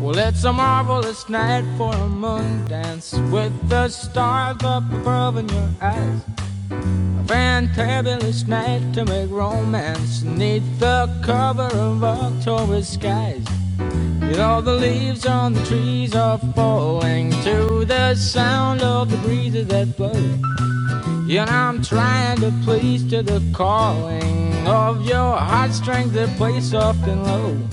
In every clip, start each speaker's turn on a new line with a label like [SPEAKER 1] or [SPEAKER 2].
[SPEAKER 1] Well, it's a marvelous night for a moon dance with the stars up above in your eyes. A fantabulous night to make romance neath the cover of October skies. You know the leaves on the trees are falling to the sound of the breezes that blow. And I'm trying to please to the calling of your heartstrings that play soft and low.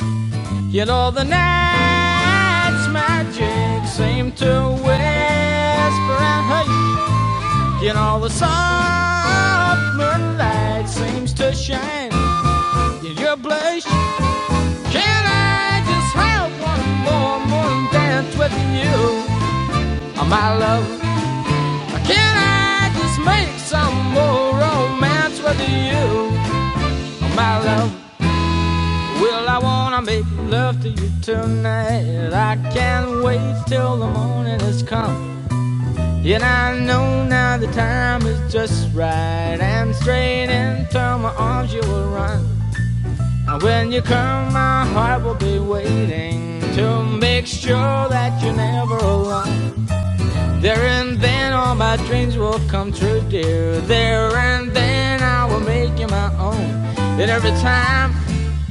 [SPEAKER 1] You know the night's magic seemed to whisper and hey You know the soft moonlight seems to shine in your blush Can I just have one more morning dance with you, oh, my love? Can I just make some more romance with you, oh, my love? Well, I wanna make love to you tonight. I can't wait till the morning has come. And I know now the time is just right. And straight into my arms you will run. And when you come, my heart will be waiting to make sure that you're never alone. There and then all my dreams will come true, dear. There and then I will make you my own. And every time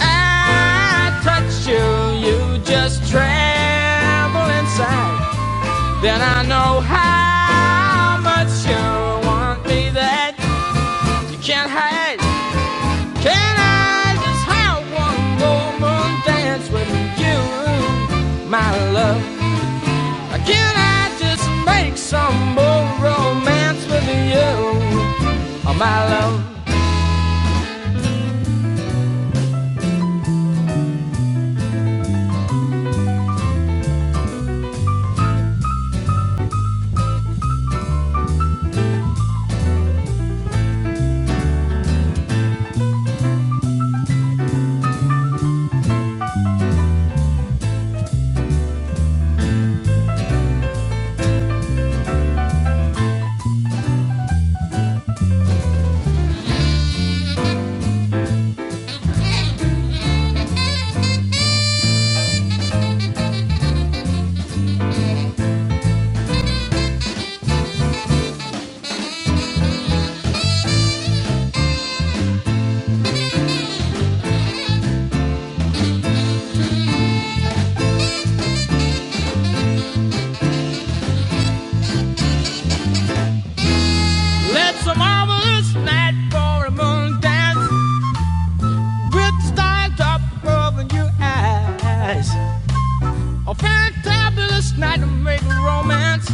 [SPEAKER 1] I touch you, you just tremble inside. Then I know how much you want me that you can't hide. Can I just have one more moon dance with you, my love? Can I just make some more romance with you, oh, my love? Let's a marvelous night for a moon dance with stars up over your eyes. A fantabulous night to make romance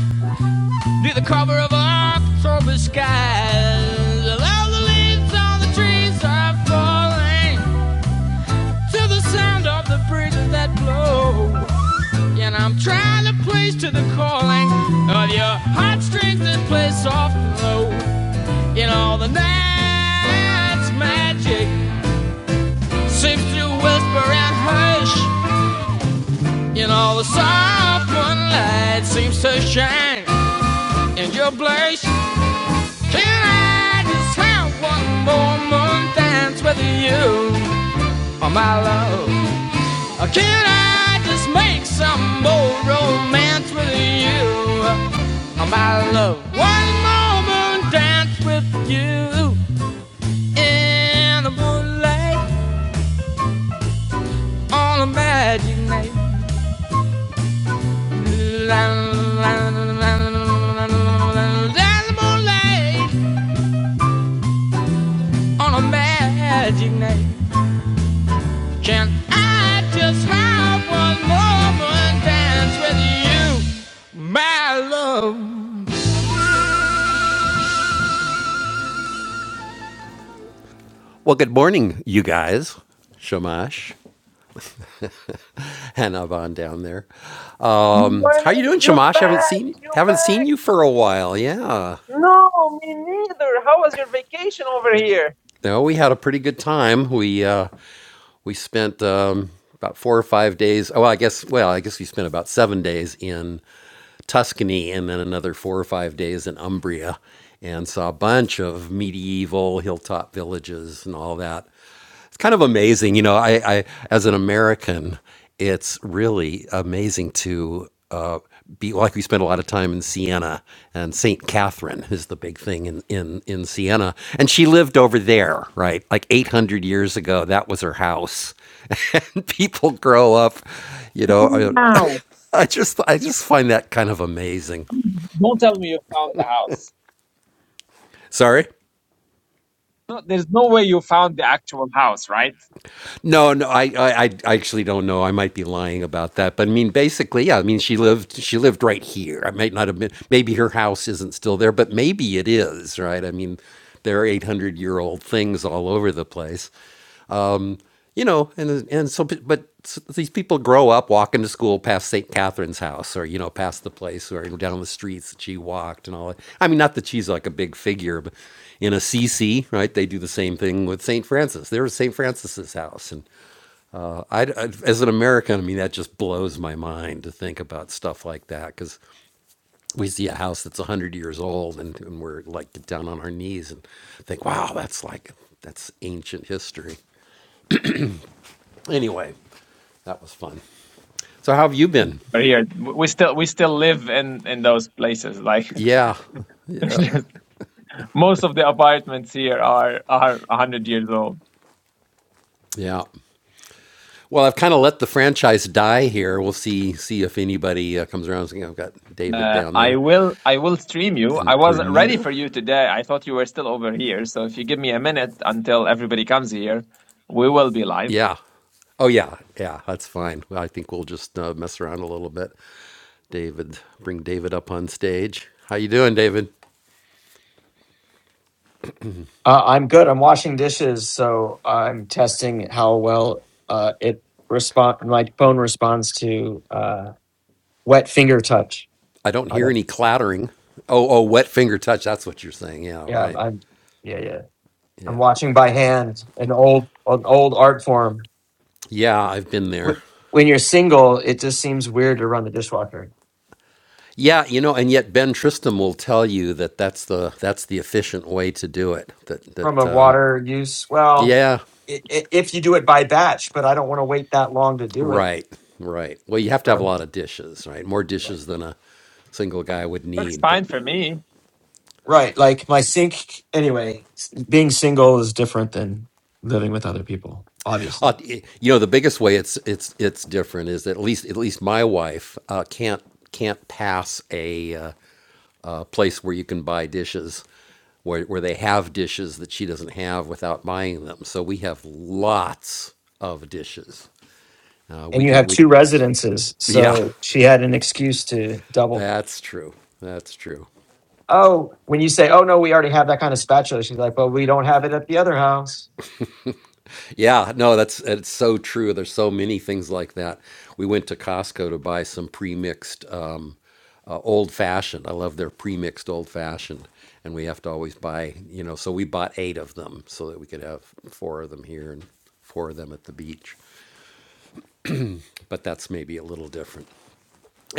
[SPEAKER 1] near the cover of October skies. All the leaves on the trees are falling to the sound of the breezes that blow. And I'm trying to place to the calling of your heartstrings that play soft and low. And all the night's magic seems to whisper and hush. And all the soft moonlight seems to shine in your blush. Can I just have one more moon dance with you, oh my love? Can I just make some more romance with you? My love, one moment dance with you in the moonlight on a magic night. La, la, la, la, la, la, la, la, the moonlight on a magic night. Can I just have one moment dance with you, my love?
[SPEAKER 2] Morning, you're back, you're back. No, me neither. How was your vacation over here? Now. Don't tell me you found the house. No, there's no way you found the actual house, right? But here, w- we still we still live in in those places. Like it's just- most of the apartments here are are a hundred years old. Uh, I will I will stream you. I wasn't ready for you today. I thought you were still over here. So if you give me a minute until everybody comes here, we will be live.
[SPEAKER 3] Uh, I'm good. I'm washing dishes, so I'm testing how well uh, it respond. My phone responds to uh, wet finger touch. I don't. Yeah, I'm. Yeah, yeah. I'm washing by hand, an old, an old art form. Wh- When you're single, it just seems weird to run the dishwasher from a water use. Well, i i if you do it by batch, but I don't want to wait that long to do it. so.
[SPEAKER 2] Works fine for me.
[SPEAKER 3] Right. Like my sink, anyway, s- being single is different than living with other people, obviously. And you have two residences. So she had an excuse to double. Oh, when you say, oh, no, we already have that kind of spatula, she's like, well, we don't have it at the other house.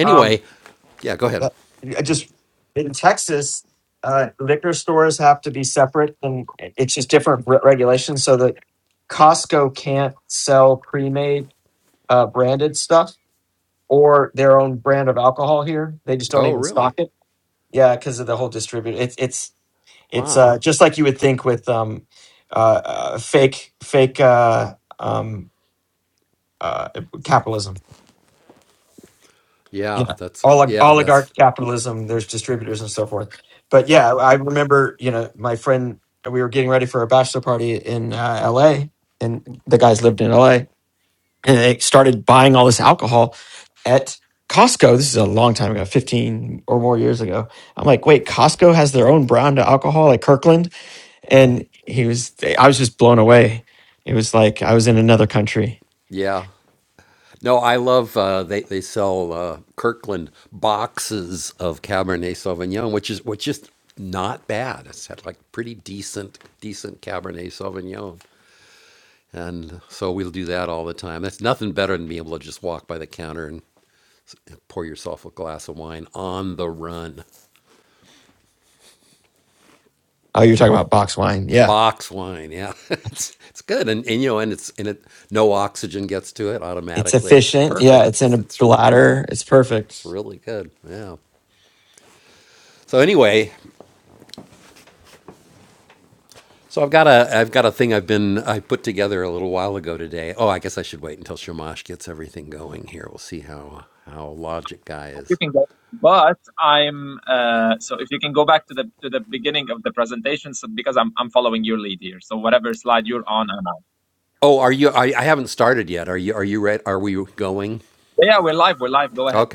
[SPEAKER 3] Um, That- I just in Texas, uh, liquor stores have to be separate, and it's just different re- regulations. So that Costco can't sell pre-made uh, branded stuff or their own brand of alcohol here. They just don't even stock it. Yeah, because of the whole distribute. It's it's it's uh, just like you would think with um, uh, uh, fake fake uh, um, uh, capitalism. yeah olig- oligarch capitalism there's distributors and so forth but yeah i remember you know my friend we were getting ready for a bachelor party in uh, la and the guys lived in la and they started buying all this alcohol at costco this is a long time ago 15 or more years ago i'm like wait costco has their own brand of alcohol like kirkland and he was i was just blown away it was like i was in another country Oh, you're talking about box wine. Yeah. It's efficient. Yeah. It's in a bladder. It's perfect.
[SPEAKER 2] Hope You can go. But I'm uh, so if you can go back to the to the beginning of the presentation, so because I'm I'm following your lead here. So whatever slide you're on, I'm on. yeah, we're live. We're live. Go ahead.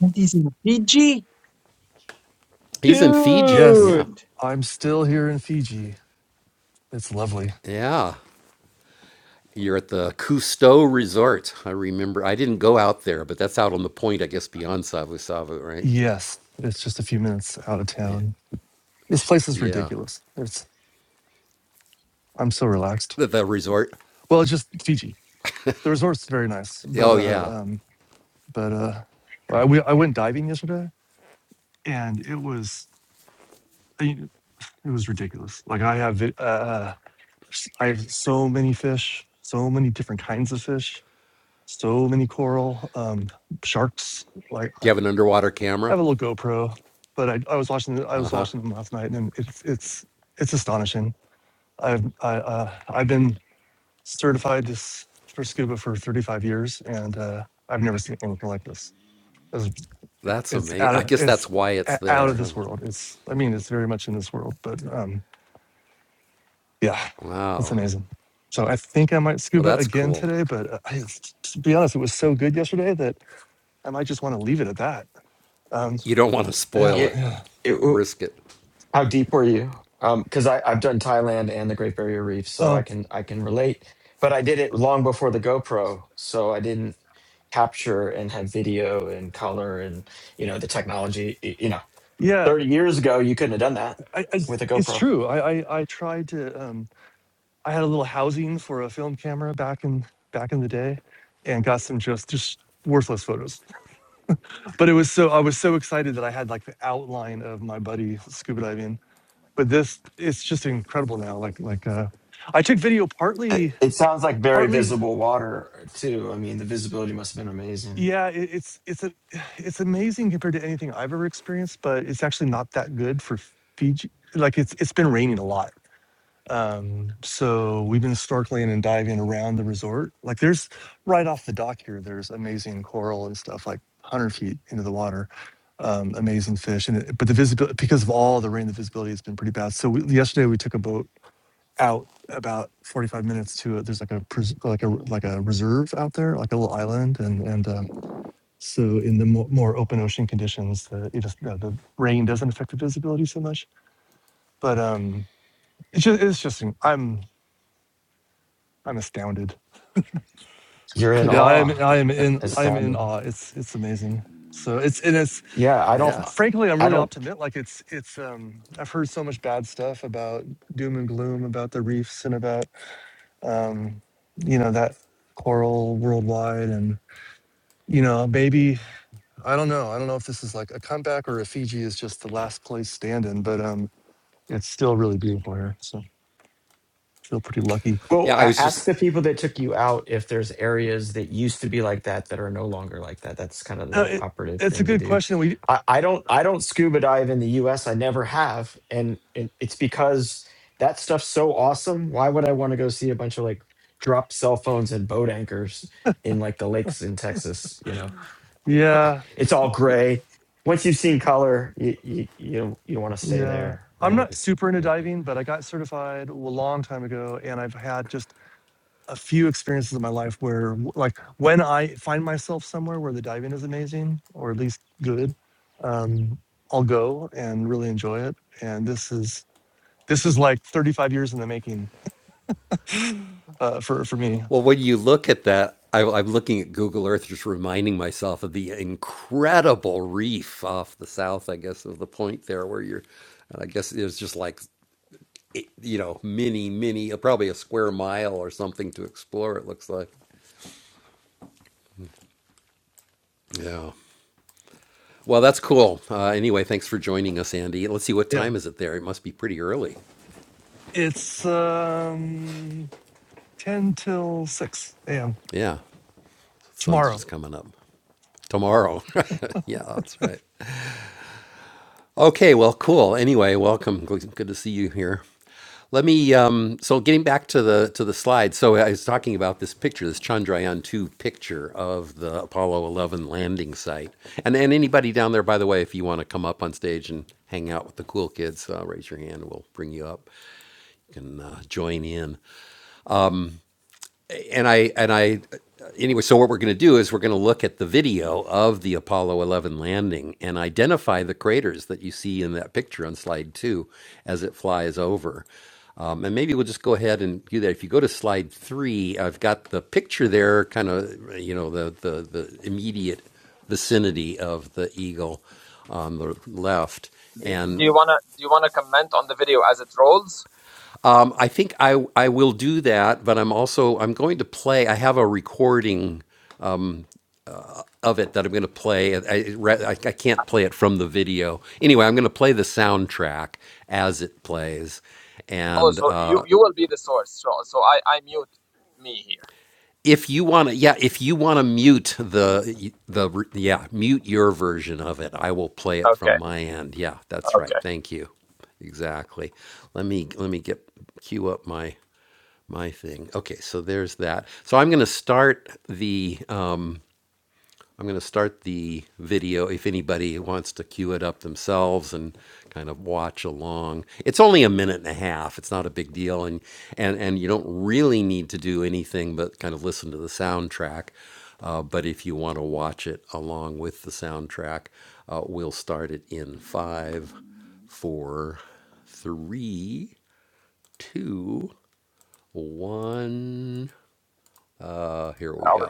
[SPEAKER 2] This is Fiji,
[SPEAKER 4] Yes,
[SPEAKER 2] Dude,
[SPEAKER 4] I'm still here in Fiji. It's lovely. Yes, it's just a few minutes out of town. This place is ridiculous. It's I'm so relaxed. Well, it's just Fiji. The resort's very nice, but uh, um, but uh, I, we, I went diving yesterday, and it was I- mean, it was ridiculous. Like I have vi- uh, s- I have so many fish, so many different kinds of fish, so many coral, um, sharks. Like I have a little GoPro, but I, I was watching I was watching them last night, and it's it's it's astonishing. I've I, uh, I've been certified this for scuba for 35 years, and uh, I've never seen anything like this. It's it's out of it's a- out of this world. It's I mean it's very much in this world, but um, yeah, it's amazing. So I think I might scuba again today, but uh, I, to be honest, it was so good yesterday that I might just want to leave it at that. Um, yeah,
[SPEAKER 3] It,
[SPEAKER 4] yeah.
[SPEAKER 3] it, how deep were you? Um, because I I've done Thailand and the Great Barrier Reef, so I
[SPEAKER 4] Oh,
[SPEAKER 3] can I can relate. But I did it long before the GoPro, so I didn't capture and have video and color and you know the technology. y- You know,
[SPEAKER 4] yeah.
[SPEAKER 3] thirty years ago you couldn't have done that
[SPEAKER 4] I, I s-
[SPEAKER 3] with a
[SPEAKER 4] it's
[SPEAKER 3] GoPro.
[SPEAKER 4] true. I, I I tried to. Um, I had a little housing for a film camera back in back in the day, and got some just just worthless photos. But it was so I was so excited that I had like the outline of my buddy scuba diving. But this it's just incredible now. Like like uh, I took video partly
[SPEAKER 3] It, it sounds like very
[SPEAKER 4] partly.
[SPEAKER 3] visible water too. I mean, the visibility must have been amazing.
[SPEAKER 4] Yeah, it, it's it's a it's amazing compared to anything I've ever experienced. But it's actually not that good for Fiji. Like it's it's been raining a lot Um, so we've been snorkeling and diving around the resort. Like there's right off the dock here, there's amazing coral and stuff like 100 feet into the water. Um, amazing fish. And it, but the visibility, because of all the rain, the visibility has been pretty bad. So we, yesterday we took a boat out about 45 minutes to it. There's like a, pres- like a, like a reserve out there, like a little island. And, and, um, so in the more, more open ocean conditions, the, it just, the, the rain doesn't affect the visibility so much, but, um, it's just, it's just, I'm, I'm astounded.
[SPEAKER 3] You're in
[SPEAKER 4] Yeah, I am.
[SPEAKER 3] awe,
[SPEAKER 4] I am in. I am in
[SPEAKER 3] astounding.
[SPEAKER 4] awe. It's it's amazing. So it's and it's,
[SPEAKER 3] Yeah, I
[SPEAKER 4] it's
[SPEAKER 3] don't,
[SPEAKER 4] frankly, I'm
[SPEAKER 3] I
[SPEAKER 4] really
[SPEAKER 3] don't.
[SPEAKER 4] optimistic. Like it's it's um I've heard so much bad stuff about doom and gloom about the reefs and about um you know that coral worldwide and you know maybe I don't know I don't know if this is like a comeback or if Fiji is just the last place standing, but um it's still really beautiful here. So I feel pretty lucky.
[SPEAKER 3] Well, a- ask the people that took you out if there's areas that used to be like that that are no longer like that. That's kind of
[SPEAKER 4] Uh,
[SPEAKER 3] the
[SPEAKER 4] it,
[SPEAKER 3] operative
[SPEAKER 4] it's a
[SPEAKER 3] thing to
[SPEAKER 4] good
[SPEAKER 3] do.
[SPEAKER 4] question. We
[SPEAKER 3] I, I don't, I don't scuba dive in the U.S. I never have, and, and it's because that stuff's so awesome. Why would I want to go see a bunch of like drop cell phones and boat anchors in like the lakes in Texas? You know
[SPEAKER 4] yeah
[SPEAKER 3] it's all gray. Once you've seen color, you you you don't, you don't want to stay
[SPEAKER 4] Yeah.
[SPEAKER 3] there,
[SPEAKER 4] I'm
[SPEAKER 3] right?
[SPEAKER 4] not super into diving, but I got certified a long time ago. And I've had just a few experiences in my life where, w- like, when I find myself somewhere where the diving is amazing or at least good, um, I'll go and really enjoy it. And this is, this is like 35 years in the making uh, for, for me. Yeah. It's um, 10 till 6 a.m. tomorrow.
[SPEAKER 2] do do you wanna do you wanna comment on the video as it rolls? Oh, so you you will be the source. So so I I mute me here. Okay, okay.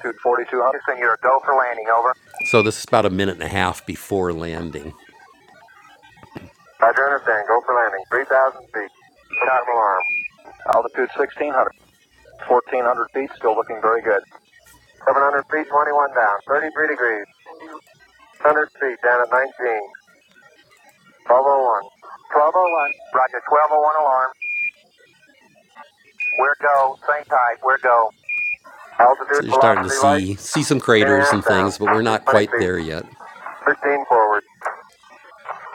[SPEAKER 1] altitude 4200. Houston, you're go for landing, over. Roger, understand. Go for landing. 3,000 feet. Shot alarm. Altitude 1600. 1400 feet, still looking very good. 700 feet, 21 down. 33 degrees. 100 feet down at 19. 1201. 1201. Roger, 1201 alarm. We're go. Same type, we're go. Altitude 15 forward.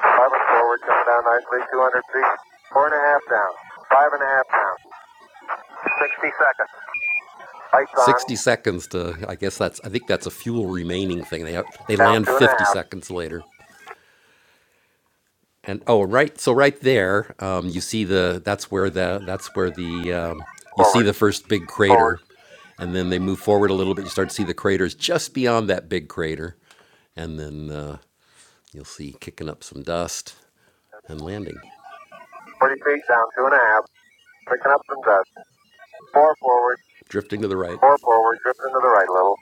[SPEAKER 1] 11 forward, coming down nicely. 200 feet. Four and a half down. Five and a half down. 60 seconds. Lights 40 feet down. Two and a half. Picking up some dust. Four forward, four forward, drift into the right a little.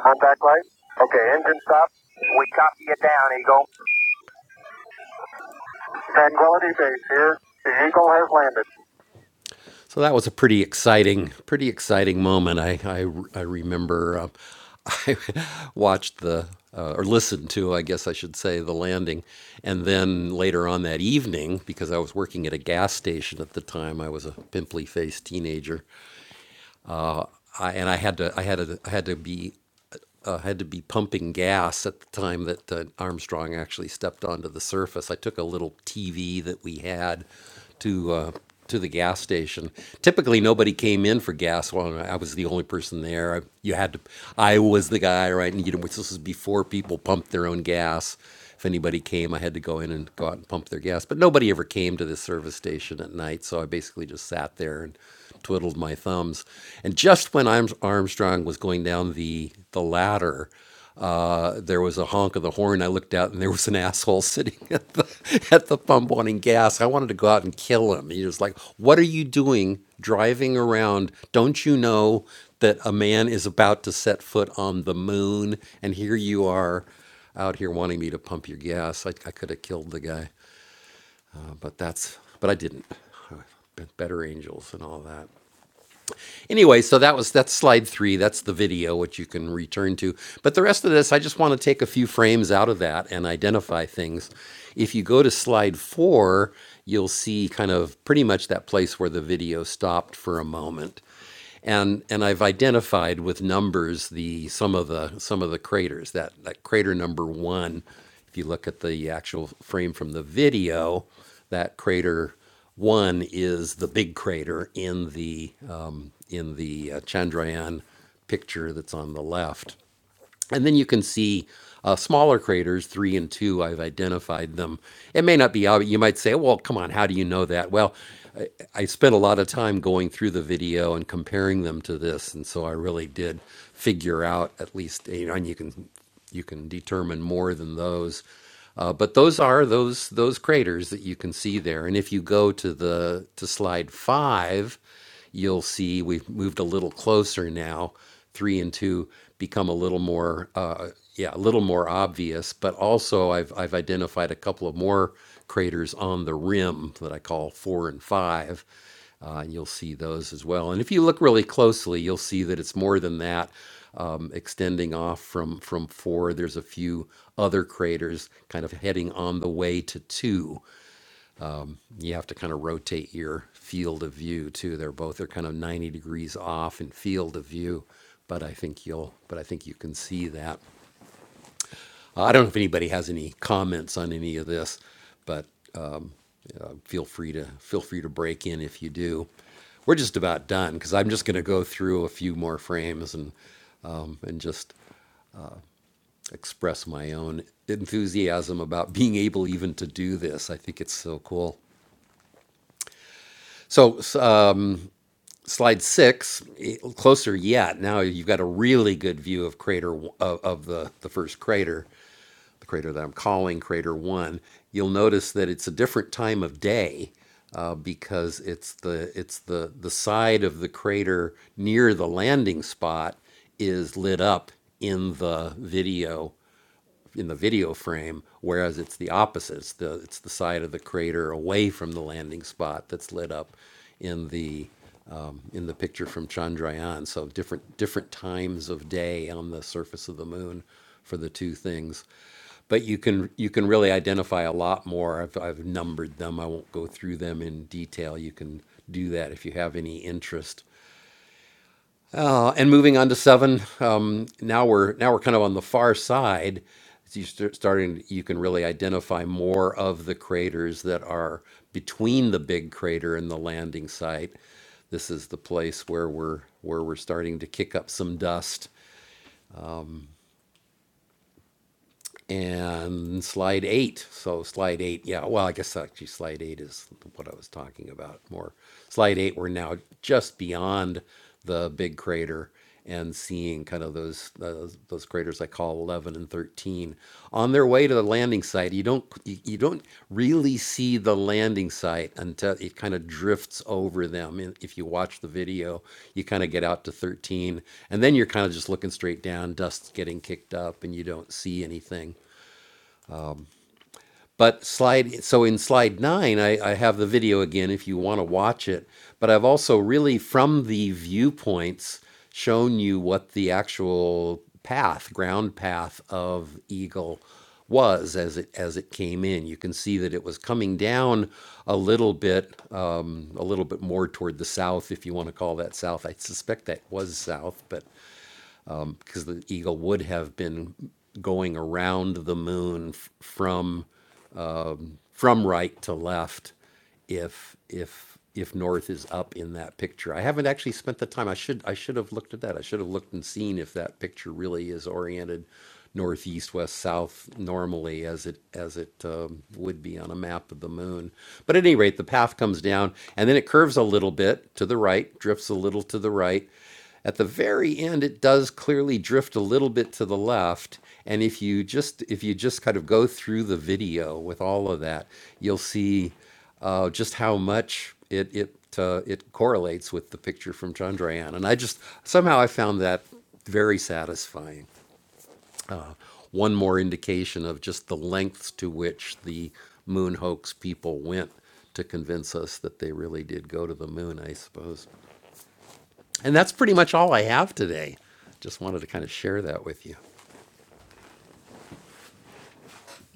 [SPEAKER 1] Contact light. Okay, engine stop. We copy you down, Eagle. Tranquility base here. The Eagle has landed.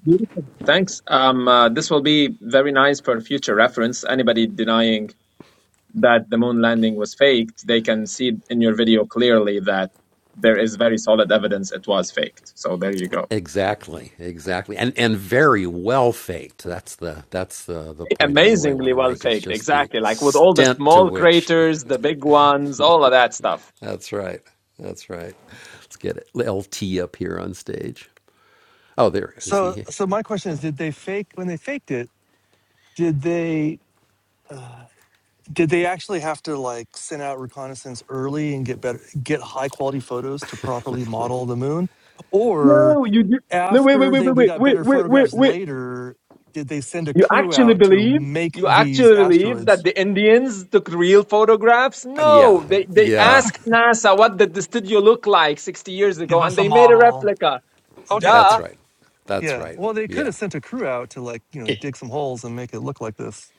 [SPEAKER 2] Beautiful. Thanks. Um, uh, this will be very nice for future reference. Anybody denying that the moon landing was faked, they can see in your video clearly that there is very solid evidence it was faked. So there you go. Amazingly well faked, exactly. Like with all the small craters, the big ones, all of that stuff.
[SPEAKER 4] So, so my question is, did they fake, when they faked it, did they? uh, Did they actually have to like send out reconnaissance early and get better, get high quality photos to properly model the moon, or
[SPEAKER 2] No, you do. no, Wait, wait,
[SPEAKER 4] after
[SPEAKER 2] wait,
[SPEAKER 4] they
[SPEAKER 2] wait,
[SPEAKER 4] we
[SPEAKER 2] wait,
[SPEAKER 4] got
[SPEAKER 2] wait,
[SPEAKER 4] better
[SPEAKER 2] wait, wait,
[SPEAKER 4] photographs
[SPEAKER 2] wait.
[SPEAKER 4] later? Did they send a
[SPEAKER 2] You
[SPEAKER 4] crew
[SPEAKER 2] actually
[SPEAKER 4] out to
[SPEAKER 2] believe?
[SPEAKER 4] make
[SPEAKER 2] You
[SPEAKER 4] these
[SPEAKER 2] actually believe that
[SPEAKER 4] asteroids?
[SPEAKER 2] the Indians took real photographs? No, they they asked NASA what did the studio look like 60 years
[SPEAKER 4] Give
[SPEAKER 2] ago, and
[SPEAKER 4] us a
[SPEAKER 2] they made a
[SPEAKER 4] model.
[SPEAKER 2] replica.
[SPEAKER 4] Okay,
[SPEAKER 2] Duh.
[SPEAKER 4] okay, yeah. Well, they could have sent a crew out to like you know
[SPEAKER 3] I
[SPEAKER 4] dig some holes and make it look like this,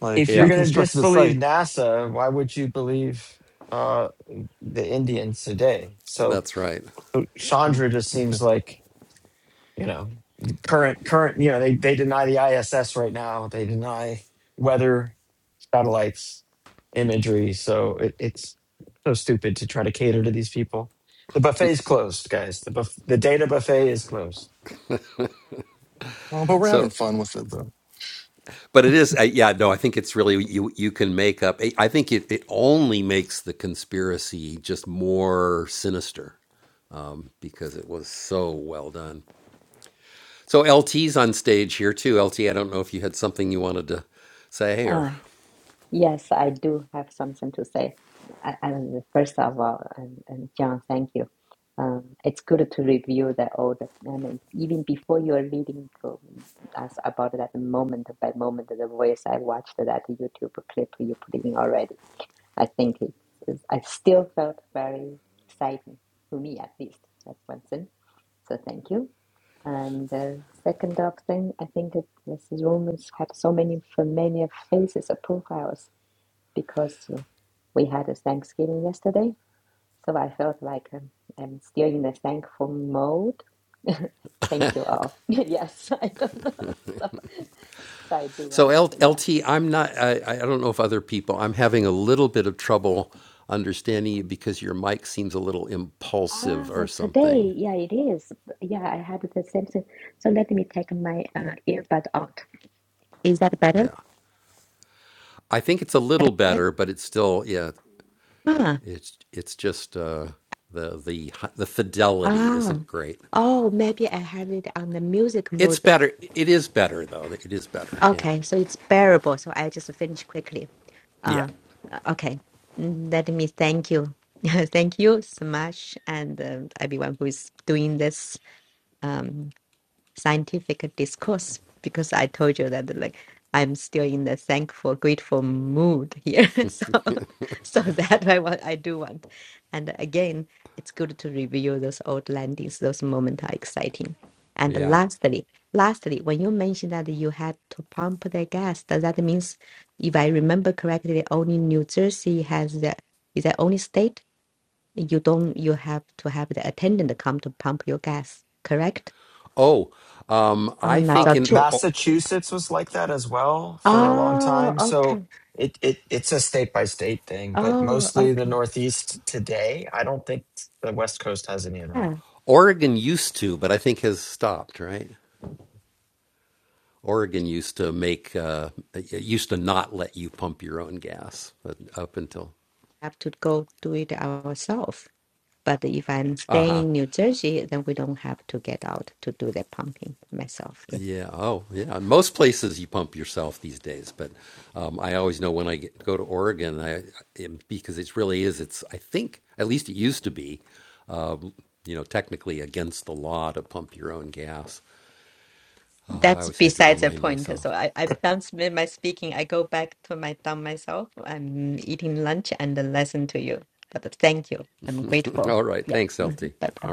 [SPEAKER 4] like
[SPEAKER 3] if you're going to
[SPEAKER 4] reconstruct the
[SPEAKER 3] disbelieve
[SPEAKER 4] site.
[SPEAKER 3] NASA, why would you believe uh, the Indians today? So so
[SPEAKER 4] Mm,
[SPEAKER 3] Chandra just seems
[SPEAKER 4] okay.
[SPEAKER 3] like you know the current current you know they they deny the ISS right now. They deny weather satellites imagery. So it, it's so stupid to try to cater to these people. The buffet's closed, guys. The buff- the data buffet is closed.
[SPEAKER 4] Well, but we're having fun with it though.
[SPEAKER 5] Uh, yes, I do have something to say. I, I, first of all, and, and John, thank you. Um, it's good to review the old, and even before you are reading to us about that moment by moment, the voice, I watched that YouTube clip you put in already. I think it's, it's I still felt very exciting to me at least. That's one thing. So thank you. And the second up thing, I think that Mrs. Romans had so many familiar faces or profiles because uh, we had a Thanksgiving yesterday. So I felt like um, I'm still in the thankful mode. Thank you all. yes, I don't know. So, so I do want to, yeah. Ah, today, yeah, it is. Yeah, I had the same thing. So let me take my uh, earbud out. Is that better? Huh. Ah. Oh, maybe I had it on the music mode. Okay, so it's bearable. So I just finish quickly. Uh, uh, okay. Mm, Let me thank you. Thank you so much, and uh, everyone who is doing this. um, scientific discourse because I told you that like I'm still in the thankful, grateful mood here. so so that I what I do want. And again, it's good to review those old landings, those moments are exciting. And lastly, lastly, when you mentioned that you had to pump the gas, does that means if I remember correctly, only New Jersey has the is the only state you don't you have to have the attendant come to pump your gas, correct? Oh, that's
[SPEAKER 3] uh,
[SPEAKER 5] not true.
[SPEAKER 3] Massachusetts was like that as well for a long
[SPEAKER 5] Oh,
[SPEAKER 3] time. So
[SPEAKER 5] okay.
[SPEAKER 3] it, it it's a state by state thing, but
[SPEAKER 5] Oh,
[SPEAKER 3] mostly the
[SPEAKER 5] okay.
[SPEAKER 3] Northeast today. I don't think the West Coast has any of
[SPEAKER 5] Yeah.
[SPEAKER 3] that.
[SPEAKER 5] Have to go do it ourselves. But if I'm staying in New Jersey, then we don't have to get out to do the pumping myself. Yeah. That's besides the point. So I, I've done s- my speaking. I go back to my dumb myself. I'm eating lunch and then listen to you. But thank you. I'm grateful. Yeah. Bye bye.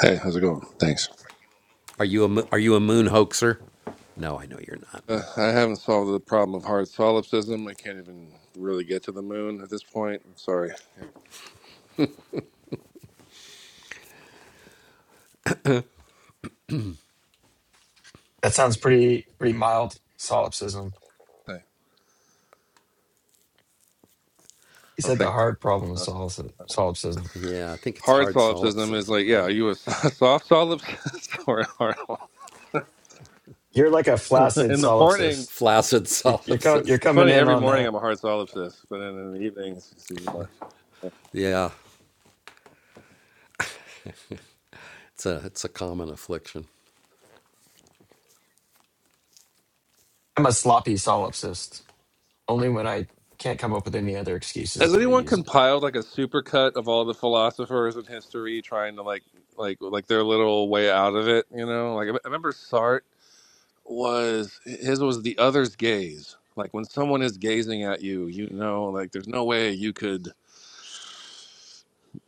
[SPEAKER 6] Hey, how's it going? Thanks. Uh, I haven't solved the problem of hard solipsism. I can't even really get to the moon at this point. I'm sorry. Yeah.
[SPEAKER 3] That sounds pretty pretty mild solipsism.
[SPEAKER 6] Hey.
[SPEAKER 3] He
[SPEAKER 6] Oh,
[SPEAKER 3] said the
[SPEAKER 6] thank God.
[SPEAKER 3] hard problem is
[SPEAKER 6] Okay.
[SPEAKER 3] solipsi- solipsism.
[SPEAKER 6] Hard solipsism is like, yeah, are you a so- soft solipsist or a hard one?
[SPEAKER 3] You're like a flaccid
[SPEAKER 6] In the morning,
[SPEAKER 3] solipsist. You, you're com- you're
[SPEAKER 6] it's
[SPEAKER 3] coming
[SPEAKER 6] funny,
[SPEAKER 3] in
[SPEAKER 6] every
[SPEAKER 3] on
[SPEAKER 6] morning
[SPEAKER 3] that.
[SPEAKER 6] I'm a hard solipsist, but then in the evening, it's it's even more. Yeah.
[SPEAKER 3] I'm a sloppy solipsist. Only when I can't come up with any other excuses
[SPEAKER 6] Has
[SPEAKER 3] do I
[SPEAKER 6] anyone
[SPEAKER 3] use it.
[SPEAKER 6] compiled like a supercut of all the philosophers in history trying to like, like, like their little way out of it? You know, like I remember Sartre was his was the other's gaze. Like when someone is gazing at you, you know, like there's no way you could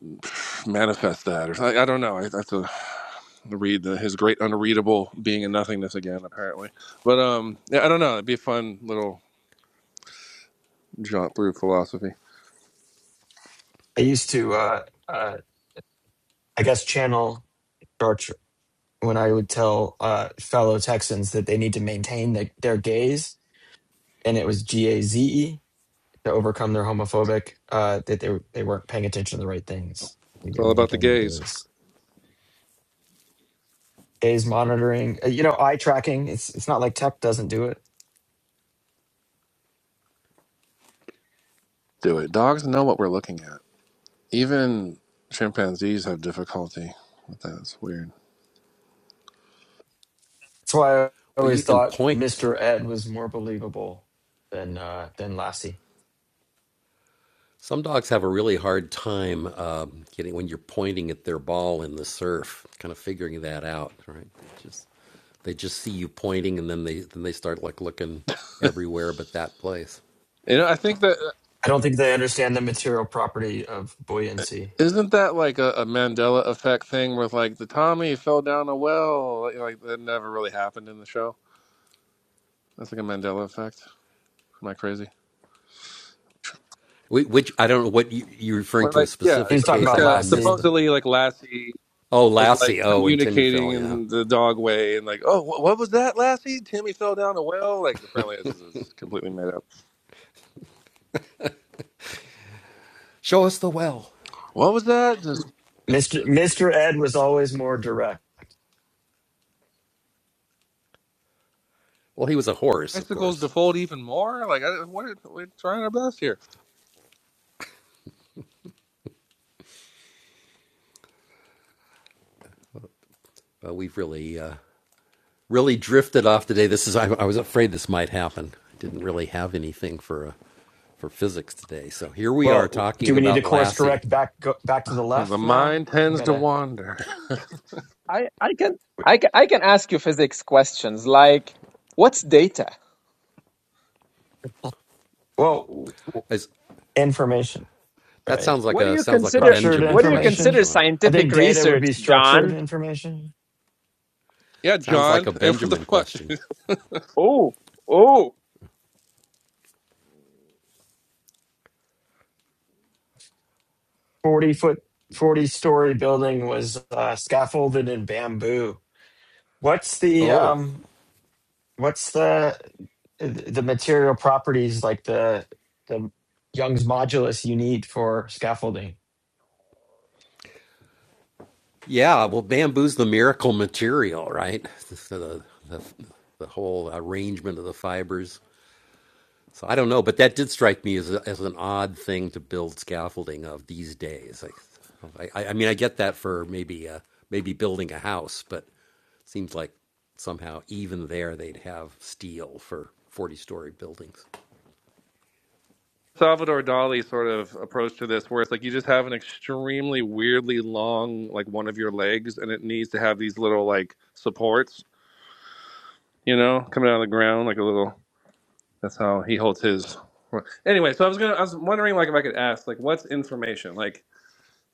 [SPEAKER 6] manifest that, or something. I don't know. I have to read the, his great unreadable being in nothingness again, apparently. But um, yeah, I don't know. It'd be a fun little jaunt through philosophy.
[SPEAKER 3] I used to, uh, uh, I guess, channel George. when I would tell uh, fellow Texans that they need to maintain the, their gaze, and it was G A Z E to overcome their homophobic uh, that they they weren't paying attention to the right things. You
[SPEAKER 6] It's
[SPEAKER 3] can
[SPEAKER 6] all about the
[SPEAKER 3] maintain the
[SPEAKER 6] gaze.
[SPEAKER 3] gaze, gaze monitoring, uh, you know, eye tracking. It's it's not like tech doesn't do it.
[SPEAKER 6] Do it. Dogs know what we're looking at. Even chimpanzees have difficulty with that. It's weird.
[SPEAKER 3] That's why I always thought Mister Ed was more believable than uh, than Lassie.
[SPEAKER 6] You know, I think that uh,
[SPEAKER 3] I don't think they understand the material property of buoyancy.
[SPEAKER 6] isn't that like a, a Mandela effect thing with like the Tommy fell down a well. Like like, that never really happened in the show. That's like a Mandela effect. Am I crazy? Well, Like yeah,
[SPEAKER 3] He was
[SPEAKER 6] there was
[SPEAKER 3] talking
[SPEAKER 6] like
[SPEAKER 3] about
[SPEAKER 6] a
[SPEAKER 3] Lassie.
[SPEAKER 6] supposedly like Lassie was like communicating in the dog way and like oh wh- what was that Lassie? Timmy fell down a well. Like apparently this is completely made up. What was that? Just.
[SPEAKER 3] Mister Mister Ed was always more direct.
[SPEAKER 6] Icicles default even more? Like, I, what? are We're trying our best here.
[SPEAKER 3] Well, do we need to course correct back go back to the
[SPEAKER 6] The
[SPEAKER 3] left now?
[SPEAKER 6] mind
[SPEAKER 3] We
[SPEAKER 6] tends to
[SPEAKER 3] gotta
[SPEAKER 6] wander.
[SPEAKER 2] I, I can I can I can ask you physics questions like what's data?
[SPEAKER 3] well information, right?
[SPEAKER 2] What do you consider
[SPEAKER 3] Structured
[SPEAKER 2] what do you
[SPEAKER 3] information.
[SPEAKER 2] consider
[SPEAKER 3] I
[SPEAKER 2] scientific
[SPEAKER 3] think data would
[SPEAKER 2] research,
[SPEAKER 3] be structured
[SPEAKER 2] John?
[SPEAKER 3] information.
[SPEAKER 6] yeah, John. What the fuck, dude?
[SPEAKER 2] Oh, oh,
[SPEAKER 3] Forty foot, forty story building was uh, scaffolded in bamboo. What's the um? What's the the material properties like the the Young's modulus you need for scaffolding?
[SPEAKER 6] Salvador Dali sort of approach to this, where it's like you just have an extremely weirdly long, like one of your legs, and it needs to have these little like supports, you know, coming out of the ground, like a little. That's how he holds his. Anyway, so I was gonna, I was wondering, like, if I could ask, like, what's information? Like,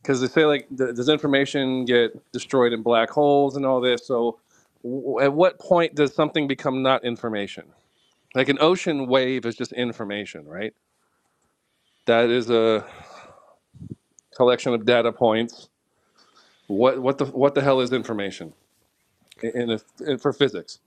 [SPEAKER 6] because they say like th- does information get destroyed in black holes and all this so w- at what point does something become not information like an ocean wave is just information right that is a collection of data points what what the what the hell is information i- in, a, in for physics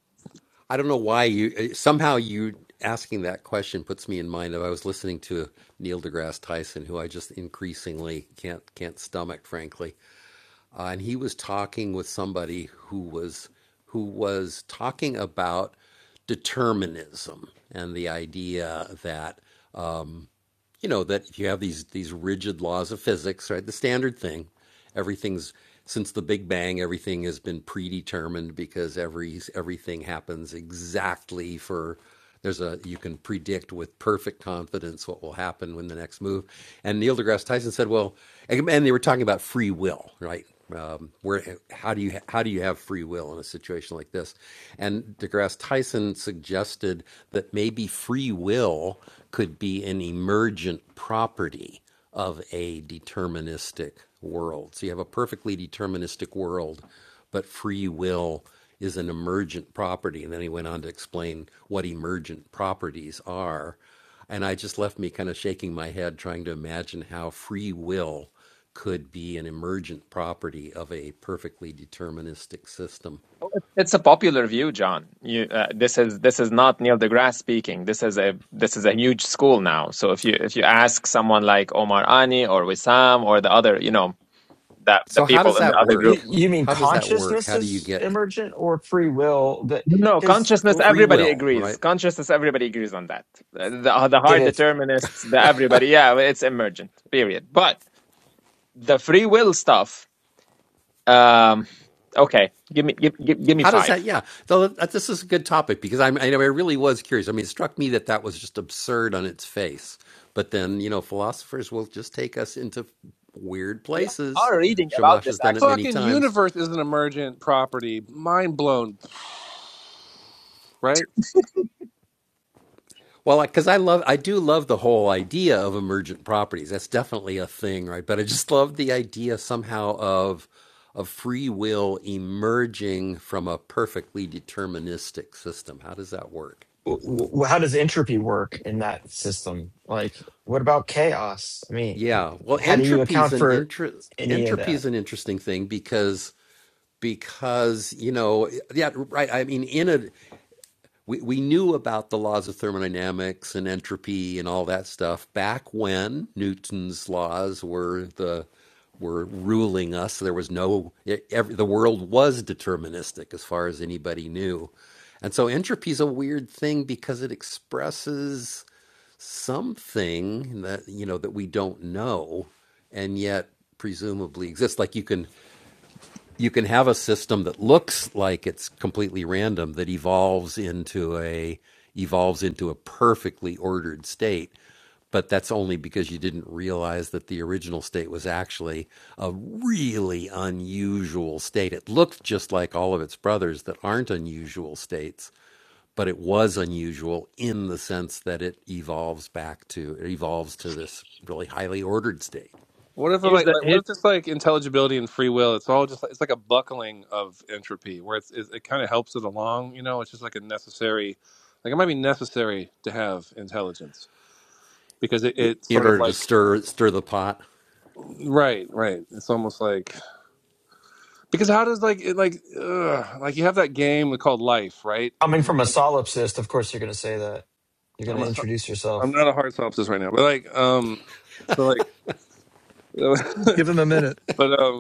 [SPEAKER 2] it's a popular view, John. You, uh, this is this is not Neil deGrasse speaking. This is a this is a huge school now. So if you if you ask someone like Omar Ani or Wissam or the other, you know, that the people in the other group.
[SPEAKER 3] You, you mean consciousness is emergent or free will? That
[SPEAKER 2] No,
[SPEAKER 3] because
[SPEAKER 2] consciousness, everybody agrees. Consciousness, everybody agrees on that. The, the the
[SPEAKER 3] did
[SPEAKER 2] hard
[SPEAKER 3] it?
[SPEAKER 2] determinists, the everybody, yeah, well, it's emergent, period. But the free will stuff, um, okay, give me, give, give, give me five. We are reading about this actually.
[SPEAKER 6] fucking universe is an emergent property mind blown right
[SPEAKER 3] w- w- How does entropy work in that system? Like, what about chaos? I mean, how do you account for any of that?
[SPEAKER 6] What if
[SPEAKER 2] Here's
[SPEAKER 6] like
[SPEAKER 2] the,
[SPEAKER 6] like what
[SPEAKER 2] here's,
[SPEAKER 6] if it's like intelligibility and free will? It's all just like, it's like a buckling of entropy where it's, it, it kind of helps it along. You know, it's just like a necessary, like it might be necessary to have intelligence because it, it sort of like right right. It's almost like because how does like it like ugh, like you have that game called Life, right?
[SPEAKER 3] Coming
[SPEAKER 6] I mean,
[SPEAKER 3] from a solipsist, of course, you're going to say that. You're going
[SPEAKER 6] I'm
[SPEAKER 3] to
[SPEAKER 6] a
[SPEAKER 3] introduce
[SPEAKER 6] I'm
[SPEAKER 3] yourself,
[SPEAKER 6] not a hard synopsis right now, but like um so like
[SPEAKER 4] Give them a minute.
[SPEAKER 6] but um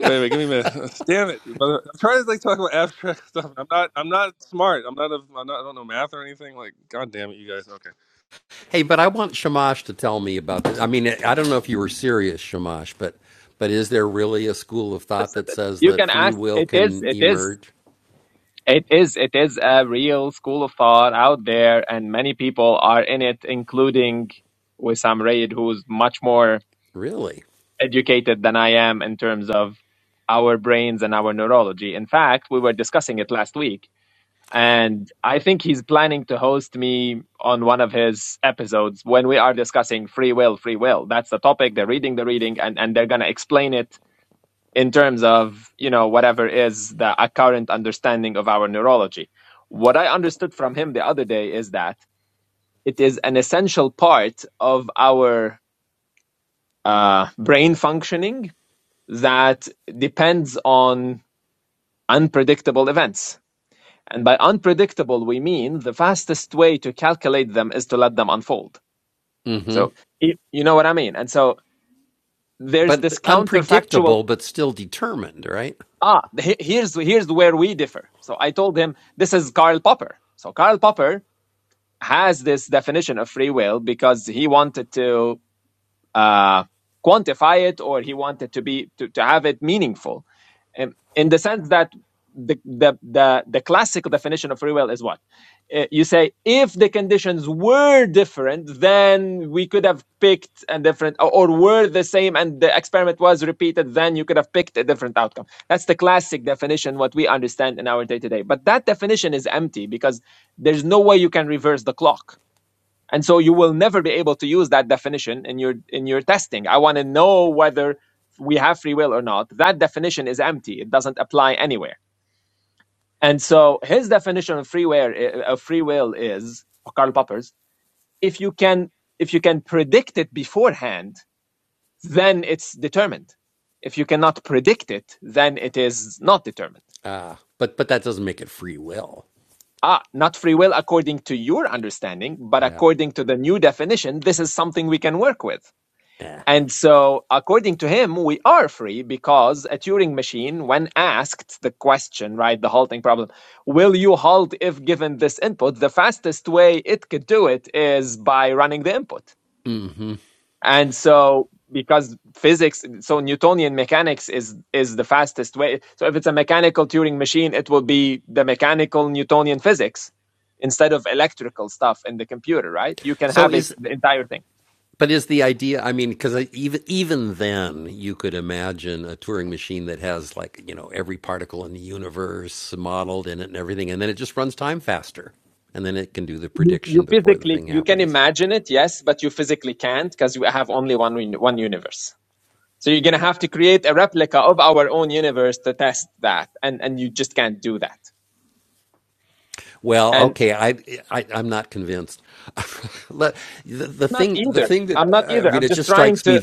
[SPEAKER 6] Wait, wait, give me a minute. Damn it, dude, brother. I'm trying to like talk about abstract stuff. I'm not. I'm not smart. I'm not. A, I'm not. I don't know math or anything. Like, god damn it, you guys. Okay.
[SPEAKER 2] you can ask, it is, it is, it is, it is a real school of thought out there and many people are in it, including Wissam Raid, who's much more educated than I am in terms of our brains and our neurology. In fact, we were discussing it last week. And I think he's planning to host me on one of his episodes when we are discussing free will, free will. That's the topic. They're reading the reading and, and they're going to explain it in terms of, you know, whatever is the a current understanding of our neurology. What I understood from him the other day is that it is an essential part of our uh, brain functioning that depends on unpredictable events. And by unpredictable, we mean the fastest way to calculate them is to let them unfold. So you know what I mean. And so there's this counterfactual. Ah, here's here's where we differ. So I told him this is Karl Popper. So Karl Popper has this definition of free will because he wanted to uh, quantify it or he wanted to be to, to have it meaningful um, in the sense that the, the the the classical definition of free will is what Uh, you say if the conditions were different then we could have picked a different or, or were the same and the experiment was repeated then you could have picked a different outcome that's the classic definition what we understand in our day to day but that definition is empty because there's no way you can reverse the clock and so you will never be able to use that definition in your in your testing i want to know whether we have free will or not that definition is empty it doesn't apply anywhere and so his definition of free will of free will is karl popper's if you can if you can predict it beforehand then it's determined if you cannot predict it then it is not determined ah not free will according to your understanding but according to the new definition this is something we can work with And so, according to him, we are free because a Turing machine, when asked the question, right, the halting problem, will you halt if given this input? The fastest way it could do it is by running the input. And so, because physics, so Newtonian mechanics is is the fastest way. So, if it's a mechanical Turing machine, it will be the mechanical Newtonian physics instead of electrical stuff in the computer, right? You can have a, the entire thing. You, you physically you can imagine it, yes, but you physically can't because we have only one uni- one universe. So you're gonna have to create a replica of our own universe to test that, and and you just can't do that. And not either. I'm not either. I'm just trying to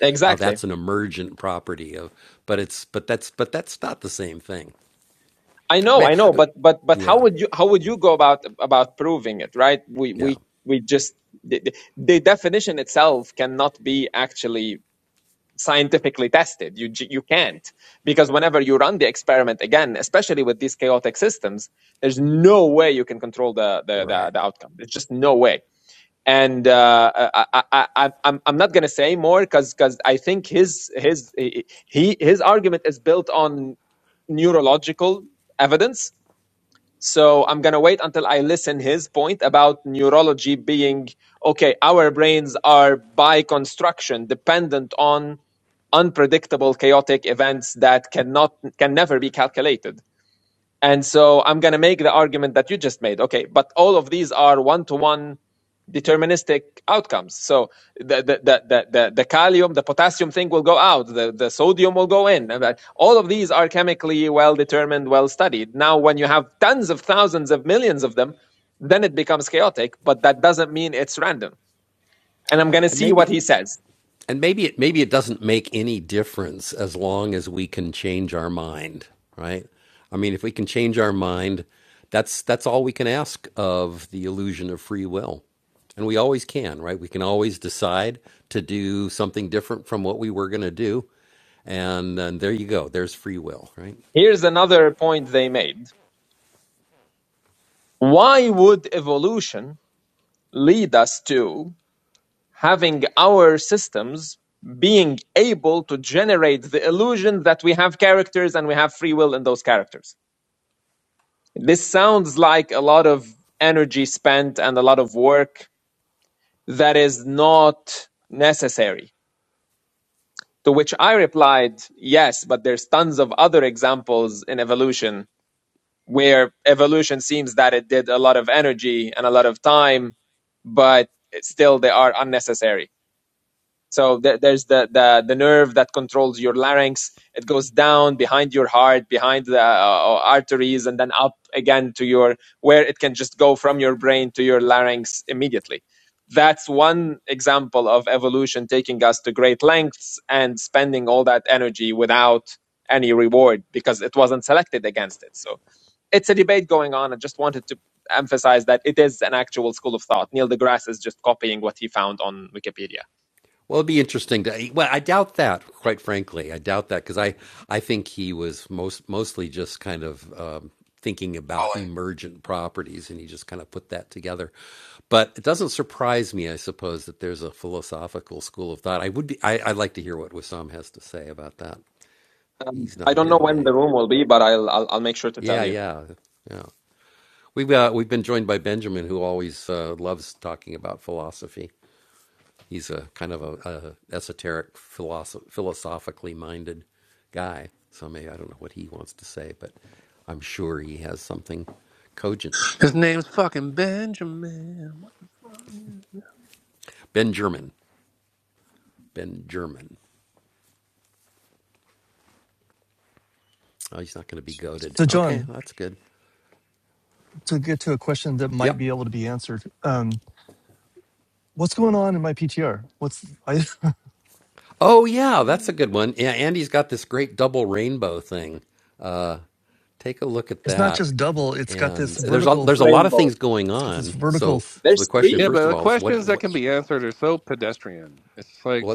[SPEAKER 2] exactly. I know, I know, but but but how would you how would you go about about proving it, right? We we we just the, the the definition itself cannot be actually scientifically tested. You you can't because whenever you run the experiment again, especially with these chaotic systems, there's no way you can control the the the, the outcome. There's just no way. And uh, I, I, I, I- am I'm not gonna say more because because I think his his he- his argument is built on neurological evidence so I'm going to wait until I listen his point about neurology being okay, our brains are by construction dependent on unpredictable chaotic events that cannot can never be calculated. And so I'm going to make the argument that you just made. Okay, but all of these are one to one deterministic outcomes. So the the, the, the, the the calcium, the potassium thing will go out, the, the sodium will go in. All of these are chemically well determined, well studied. Now, when you have tons of thousands of millions of them, then it becomes chaotic, but that doesn't mean it's random. And I'm going to see what he says. Here's another point they made. Why would evolution lead us to having our systems being able to generate the illusion that we have characters and we have free will in those characters. This sounds like a lot of energy spent and a lot of work that is not necessary. To which I replied, yes, but there's tons of other examples in evolution where evolution seems that it did a lot of energy and a lot of time, but still they are unnecessary So there, there's the, the the nerve that controls your larynx. It goes down behind your heart, behind the uh, arteries, and then up again to your where it can just go from your brain to your larynx immediately. That's one example of evolution taking us to great lengths and spending all that energy without any reward because it wasn't selected against it. So it's a debate going on. I just wanted to emphasize that it is an actual school of thought. Neil deGrasse is just copying what he found on Wikipedia.
[SPEAKER 3] Colin.
[SPEAKER 2] Um, I don't know when the room will be, but I'll I'll, I'll make sure to tell you.
[SPEAKER 6] His name's fucking Benjamin. What the fuck?
[SPEAKER 4] So, John, to get to a question that might be able to be answered. Um, what's going on in my PTR? What's I, it's not just double. It's got this
[SPEAKER 2] That's it.
[SPEAKER 4] vertical.
[SPEAKER 2] Rainbow.
[SPEAKER 4] It's got this vertical. f-
[SPEAKER 2] There's
[SPEAKER 6] Yeah,
[SPEAKER 2] three.
[SPEAKER 6] but the questions that can be answered are so pedestrian. It's like,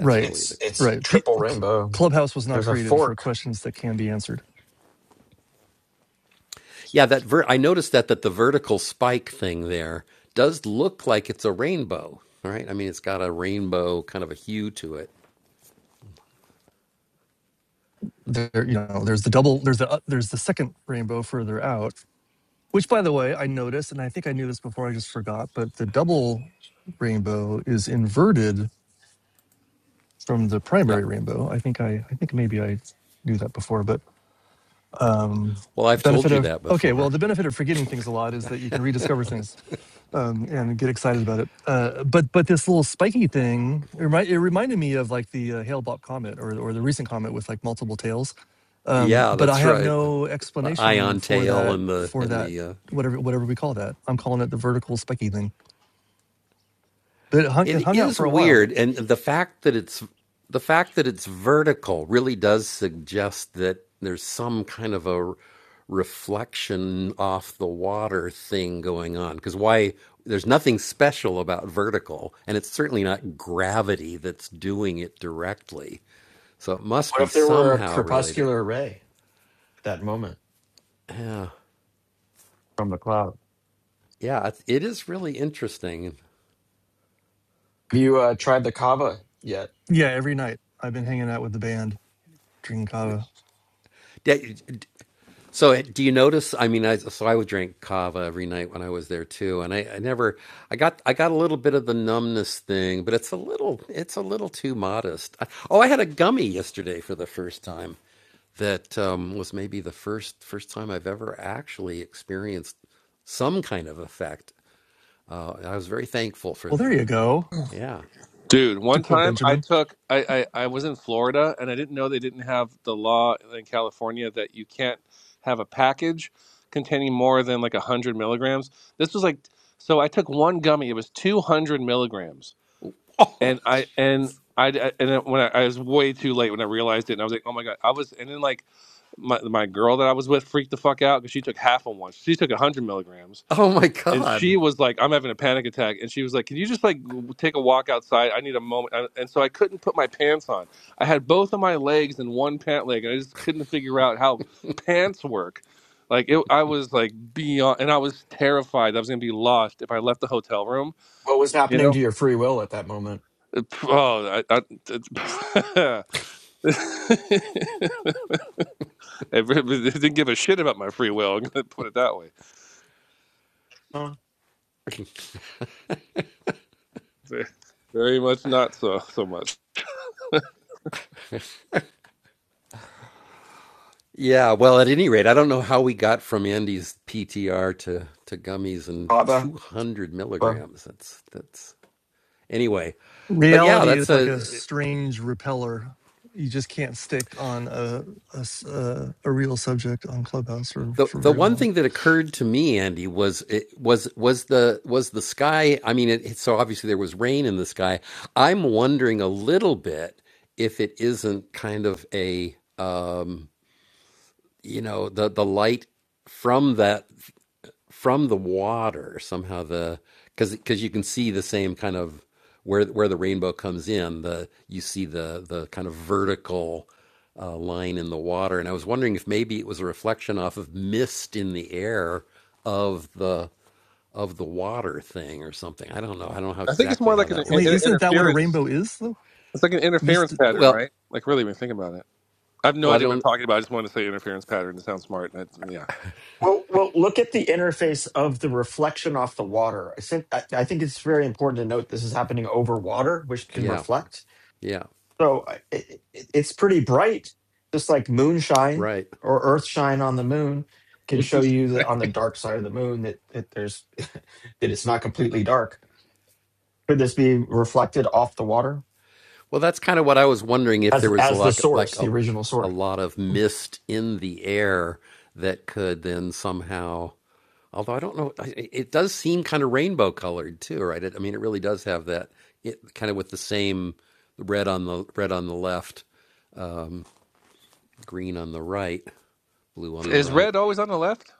[SPEAKER 4] Right,
[SPEAKER 3] It's it's
[SPEAKER 4] right. P,
[SPEAKER 3] triple
[SPEAKER 4] Cl-
[SPEAKER 3] rainbow.
[SPEAKER 4] Clubhouse was not
[SPEAKER 3] There's a
[SPEAKER 4] created for
[SPEAKER 3] fork.
[SPEAKER 4] questions that can be answered. There, you know, there's the double. There's the uh, there's the second rainbow further out. Which, by the way, I noticed, and I think I knew this before. I just forgot. But the double rainbow is inverted from the primary rainbow. I think I I think maybe I knew that before, but um, benefit of okay well the benefit of forgetting things a lot is that you can rediscover things um, and get excited about it uh, but but this little spiky thing it, remind, it reminded me of like the uh, hale-bopp comet or, or the recent comet with like multiple tails um, but i have no explanation for that for that whatever whatever we call that i'm calling it the vertical spiky thing but it hung, it hung out for a while
[SPEAKER 3] What if there were a crepuscular ray at that moment from the cloud? Have you uh, tried the kava yet?
[SPEAKER 4] yeah every night i've been hanging out with the band drinking kava well there you go
[SPEAKER 6] dude.
[SPEAKER 4] to
[SPEAKER 6] One
[SPEAKER 4] quote
[SPEAKER 6] time, I
[SPEAKER 4] benjamin
[SPEAKER 6] took. I I, I was in Florida, and I didn't know they didn't have the law in California that you can't have a package containing more than like one hundred milligrams. This was like. So I took one gummy. It was two hundred milligrams and I and I I- and then when I, I was way too late when I realized it, and I was like, oh my god, I was. And then like my my girl that I was with freaked the fuck out because she took half of one. She took hundred milligrams, and she was like, I'm having a panic attack, and she was like, can you just like w- take a walk outside? I need a moment. And, and so I couldn't put my pants on. I had both of my legs in one pant leg, and I just couldn't figure out how pants work. Like it, I was like beyond, and I was terrified. I was gonna be lost if I left the hotel room,
[SPEAKER 3] What was
[SPEAKER 6] you
[SPEAKER 3] happening
[SPEAKER 6] know
[SPEAKER 3] to your free will at that moment?
[SPEAKER 6] uh, p- Oh, I, I, it it really didn't give a shit about my free will. I'm gonna put it that way.
[SPEAKER 3] Huh?
[SPEAKER 6] Very very much not so so much.
[SPEAKER 3] Hava, Hava.
[SPEAKER 4] Reality is like a strange repeller. You just can't stick on a a, s- a- a real subject on Clubhouse for, for very long.
[SPEAKER 6] I think it's more like an, in
[SPEAKER 4] Wait,
[SPEAKER 6] in-
[SPEAKER 4] isn't that what a
[SPEAKER 6] interference.
[SPEAKER 4] rainbow is though?
[SPEAKER 6] It's like an interference
[SPEAKER 4] Missed
[SPEAKER 6] pattern, right? Like really, when you think about it, I have no idea what I'm talking about. I just wanted to say interference pattern. It sounds smart. And it's, yeah.
[SPEAKER 3] Well, well, look at the interface of the reflection off the water. I think I, I think it's very important to note this is happening over water, which can reflect. So I- it, it, it's pretty bright, just like moonshine or earth shine on the moon can show you that on the dark side of the moon that, that there's that it's not completely dark. Could this be reflected off the water as as the source, the original source?
[SPEAKER 6] Is red always on the left?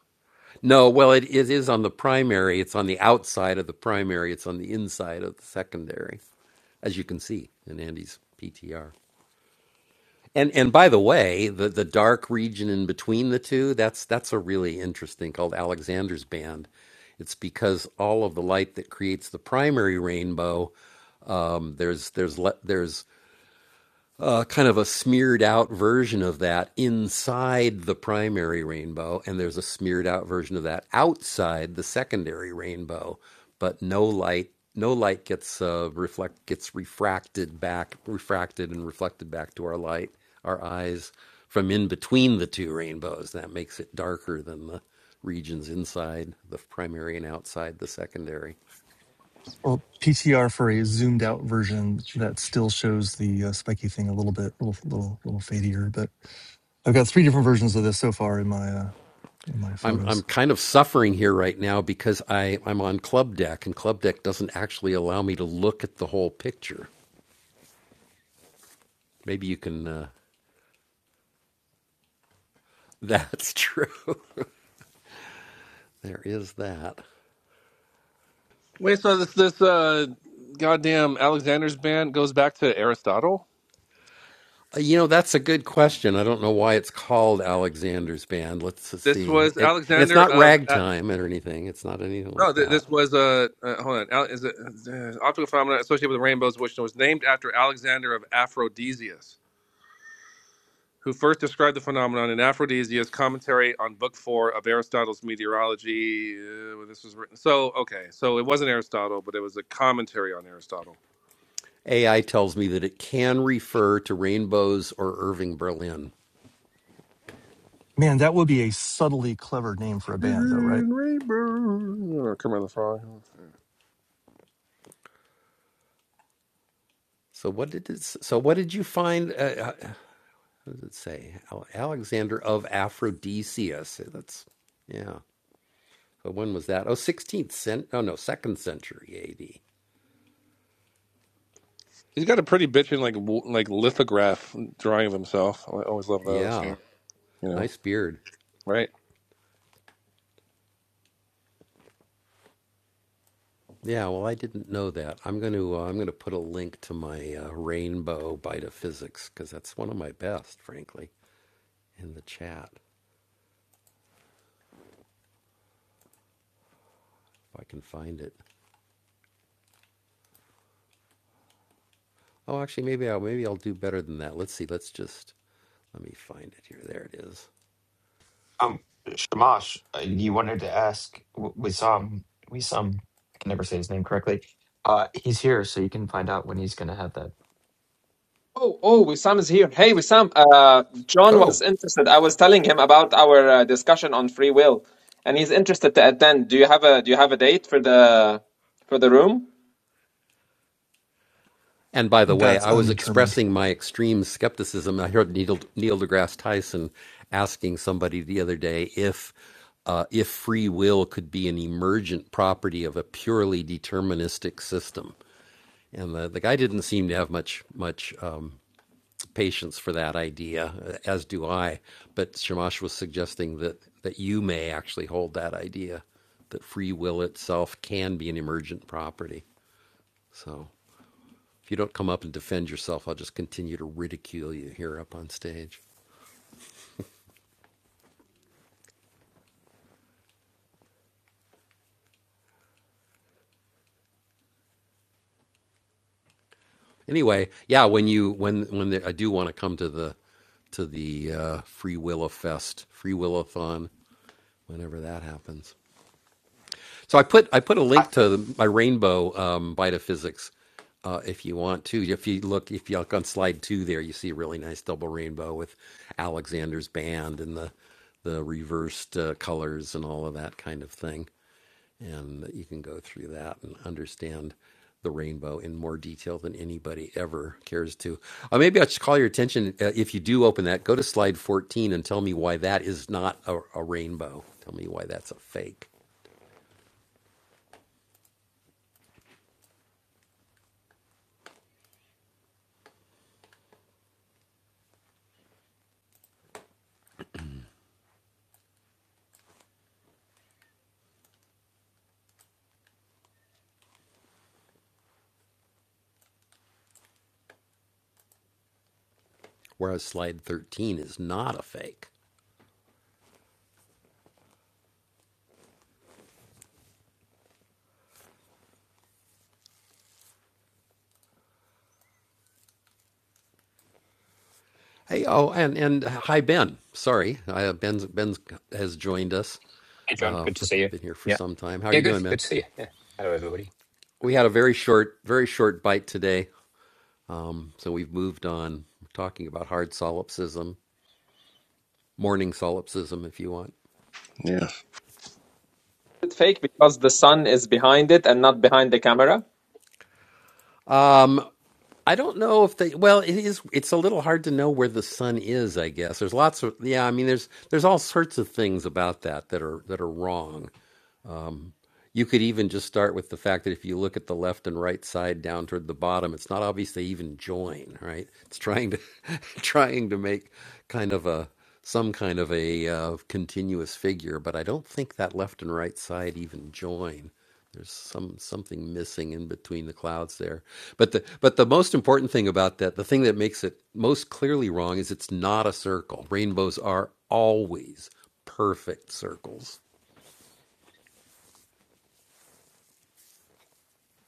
[SPEAKER 4] or PTR for a zoomed out version that still shows the uh, spiky thing a little bit, little little little fadier. But I've got three different versions of this so far in my uh, in my photos.
[SPEAKER 6] Wait, so this this uh goddamn Alexander's band goes back to Aristotle? This was Alexander of uh, no. Th- this was uh, uh, hold on. Al- is it uh, optical phenomena associated with rainbows, which was named after Alexander of Aphrodisias, who first described the phenomenon in Aphrodisias' commentary on Book Four of Aristotle's Meteorology. Uh, when this was written. So okay, so it wasn't Aristotle, but it was a commentary on Aristotle.
[SPEAKER 4] Man, that would be a subtly clever name for a band though, right?
[SPEAKER 6] Rainbow, oh, come on the frog. He's got a pretty bitchin' like w- like lithograph drawing of himself. I always love those. You know, right?
[SPEAKER 3] Um, Shamash, uh, you wanted to ask w- Wissam. Wissam, I can never say his name correctly. Uh, he's here, so you can find out when he's going to have that.
[SPEAKER 2] Oh, oh, Wissam is here. Hey, Wissam. Uh, John was interested. I was telling him about our uh, discussion on free will, and he's interested to attend. Do you have a Do you have a date for the for the room?
[SPEAKER 4] That's undetermined.
[SPEAKER 3] I,
[SPEAKER 7] Hey, John. Good to see you. Yeah. Yeah, good. Good to see you. Yeah. Hello, everybody.
[SPEAKER 6] Yeah.
[SPEAKER 2] it fake because the sun is behind it and not behind the camera?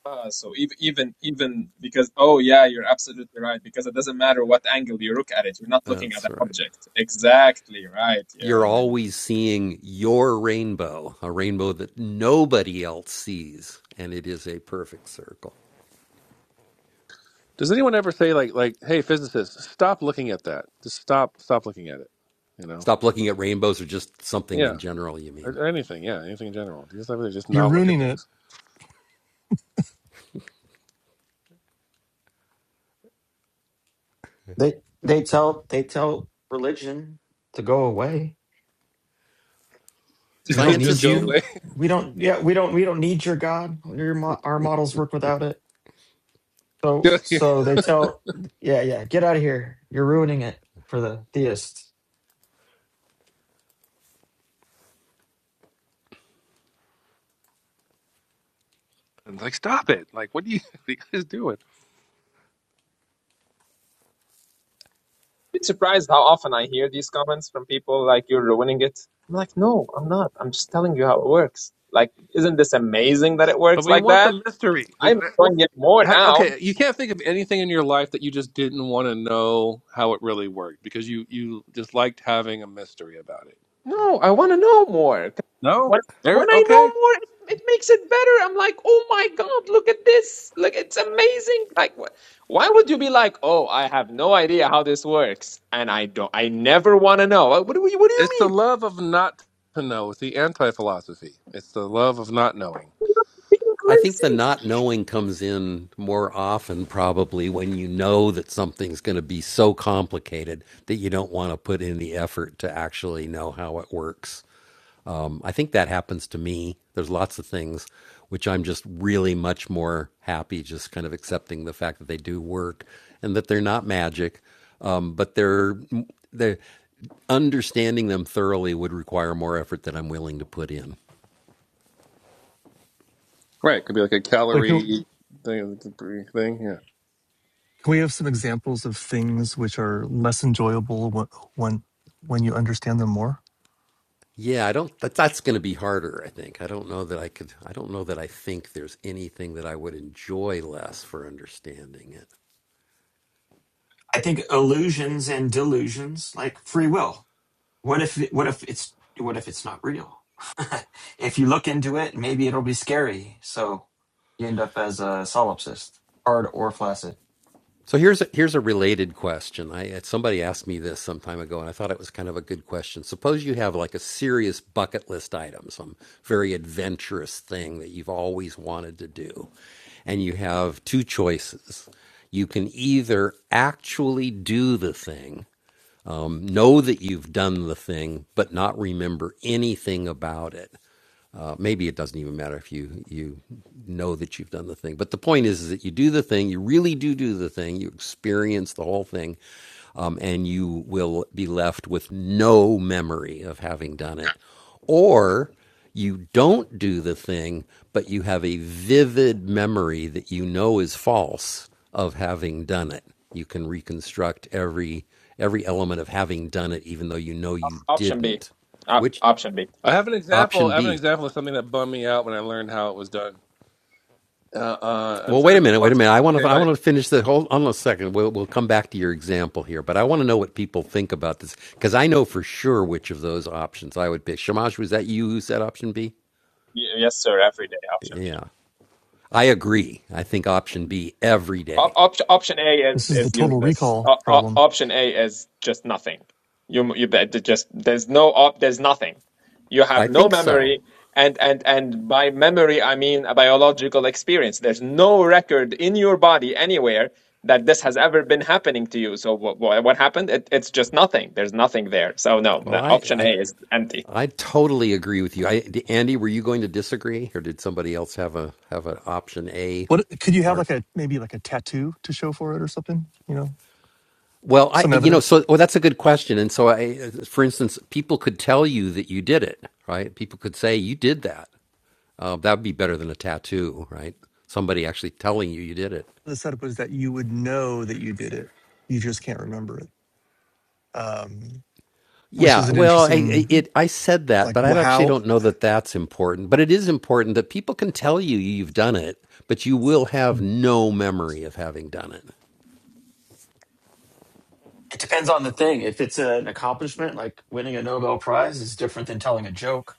[SPEAKER 2] Ah, so even even even because oh yeah, you're absolutely right because it doesn't matter what angle you look at it, you're not looking at an object. Exactly right. Yeah, yeah, yeah.
[SPEAKER 6] Does anyone ever say like like Hey, physicists, stop looking at that. Just stop stop looking at it. You know? Yeah. Or, or anything. Yeah. Anything in general. Do you just ever just
[SPEAKER 4] You're
[SPEAKER 6] not look at
[SPEAKER 4] ruining it.
[SPEAKER 6] things?
[SPEAKER 3] they they tell they tell religion to go away. We don't
[SPEAKER 6] just just
[SPEAKER 3] need
[SPEAKER 6] go
[SPEAKER 3] you.
[SPEAKER 6] away.
[SPEAKER 3] We don't. Yeah, we don't. We don't need your God. Your mo- our models work without it. So so they tell. Yeah, yeah. Get out of here. You're ruining it for the theists.
[SPEAKER 6] And, like stop it. Like what do you, what are you guys doing?
[SPEAKER 2] Bit surprised how often I hear these comments from people like you're ruining it. I'm like, no, I'm not. I'm just telling you how it works. Like, isn't this amazing that it works
[SPEAKER 6] But we
[SPEAKER 2] like
[SPEAKER 6] want
[SPEAKER 2] that?
[SPEAKER 6] the mystery. We
[SPEAKER 2] I'm enjoying it more
[SPEAKER 6] ha-
[SPEAKER 2] now.
[SPEAKER 6] okay. You can't think of anything in your life that you just didn't want to know how it really worked because you you just liked having a mystery about it.
[SPEAKER 2] No, I want to know more. 'Cause
[SPEAKER 6] No.
[SPEAKER 2] When,
[SPEAKER 6] Every,
[SPEAKER 2] when I know
[SPEAKER 6] okay.
[SPEAKER 2] more, it, it makes it better. I'm like, oh my God, look at this. Like, it's amazing. Like, what? Why would you be like, oh, I have no idea how this works, and I don't, I never want to know. What do you, what do you
[SPEAKER 6] It's the
[SPEAKER 2] mean?
[SPEAKER 6] love of not to know. It's the anti philosophy. It's the love of not knowing.
[SPEAKER 2] Being lazy.
[SPEAKER 6] Right. It could be like a
[SPEAKER 4] Like, can
[SPEAKER 6] calorie thing. Thing. Yeah.
[SPEAKER 4] can we have some examples of things which are less enjoyable when when, when you understand them more?
[SPEAKER 3] I think illusions and delusions, like free will. What if it, what if it's what if it's not real? if you look into it, maybe it'll be scary. So you end up as a solipsist, hard or flaccid.
[SPEAKER 2] Option B. Op- option B.
[SPEAKER 6] I have an example. I have an example of something that bummed me out when I learned how it was done. Uh, uh, I'm sure there's a bunch. Of, okay, go ahead.
[SPEAKER 2] Y- yes, sir. Every day. Option B. Op option option A is,
[SPEAKER 4] This is the
[SPEAKER 2] is
[SPEAKER 4] total
[SPEAKER 2] useless.
[SPEAKER 4] recall
[SPEAKER 2] O o-
[SPEAKER 4] problem.
[SPEAKER 2] option A is just nothing. You you bet it just there's no op there's nothing. You have no memory, and and and by memory I mean a biological experience. There's no record in your body anywhere that this has ever been happening to you. So what what, what happened? It, it's just nothing. There's nothing there. So no, no, option A is empty.
[SPEAKER 4] What could you have like a maybe like a tattoo to show for it or something? You know, some evidence. The setup was that you would know that you did it. You just can't remember it, um, which is an interesting like wh- how
[SPEAKER 3] It depends on the thing. If it's an accomplishment, like winning a Nobel Prize, is different than telling a joke.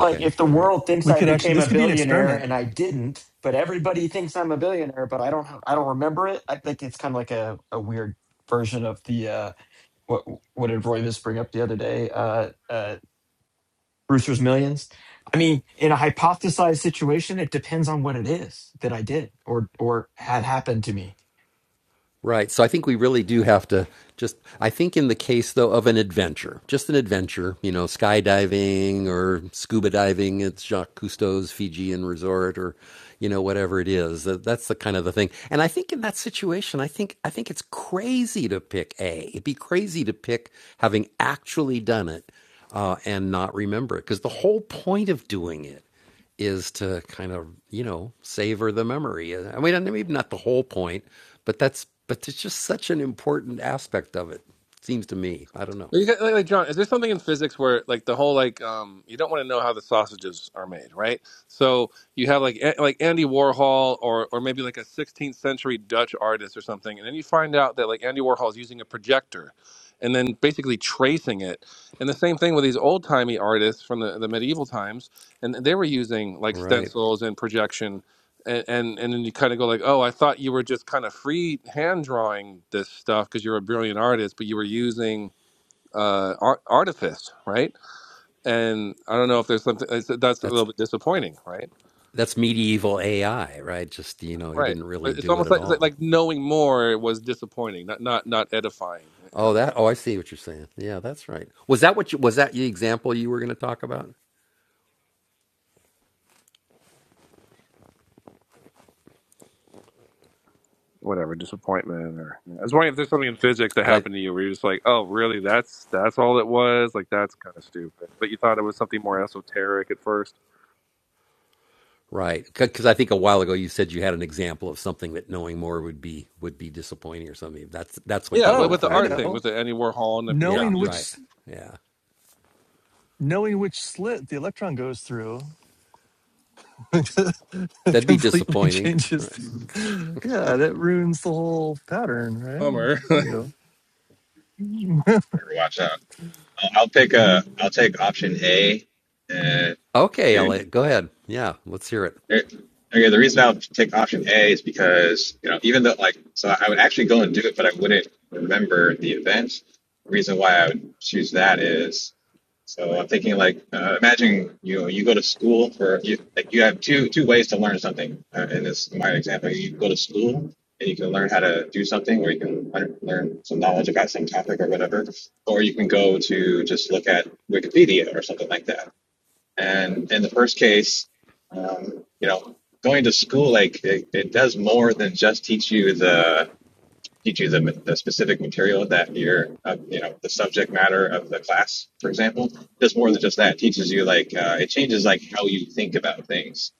[SPEAKER 3] Like if the world thinks
[SPEAKER 4] we
[SPEAKER 3] I
[SPEAKER 4] could actually
[SPEAKER 3] became a
[SPEAKER 4] this could be an
[SPEAKER 3] billionaire
[SPEAKER 4] experiment.
[SPEAKER 3] and I didn't, but everybody thinks I'm a billionaire, but I don't, I don't remember it. I think it's kind of like a, a weird version of the uh, what what did Roy just bring up the other day? Uh, uh, Brewster's Millions. I mean, in a hypothesized situation, it depends on what it is that I did or or had happened to me.
[SPEAKER 6] You got- like, like, John, is there something in physics where like the whole like um you don't want to know how the sausages are made, right? So you have like a- like Andy Warhol or or maybe like a 16th century Dutch artist or something, and then you find out that like Andy Warhol is using a projector, and then basically tracing it. And the same thing with these old timey artists from the, the medieval times, and they were using like stencils and projection. And, and and then you kind of go like, oh, I thought you were just kind of free hand drawing this stuff because you're a brilliant artist, but you were using uh, art, artifice, right? And I don't know if there's something it's, that's a little bit disappointing, right? Right. But it's almost like, it's like like knowing more was disappointing, not not not edifying in a way. Whatever disappointment, or you know. I was wondering if there's something in physics that happened to you where you're just like, oh, really? That's that's all it was. Like that's kind of stupid. But you thought it was something more esoteric at first. Yeah, with, with
[SPEAKER 4] Oh,
[SPEAKER 6] the
[SPEAKER 4] I
[SPEAKER 6] art thing, with
[SPEAKER 4] know.
[SPEAKER 6] the Andy Warhol and the project
[SPEAKER 4] Knowing
[SPEAKER 6] using
[SPEAKER 4] which knowing which slit the electron goes through completely changes. Yeah, that ruins the whole pattern, right?
[SPEAKER 6] Hummer.
[SPEAKER 4] There we go.
[SPEAKER 8] Better watch out. I'll, I'll pick a. I'll take option A uh, to there- Okay, the reason I would take option A is because, you know, even though like, so I would actually go and do it, but I wouldn't remember the event. The reason why I would choose that is, so I'm thinking like, uh, imagine you you go to school for you like you have two two ways to learn something. Uh, in this in my example, you go to school and you can learn how to do something, or you can learn learn some knowledge about some topic or whatever, or you can go to just look at Wikipedia or something like that and in the first case, um, you know, going to school like it, it does more than just teach you the teach you the, the specific material that you're, uh, you know, the subject matter of the class, for example. Does more than just that. It teaches you like uh, it changes like how you think about things,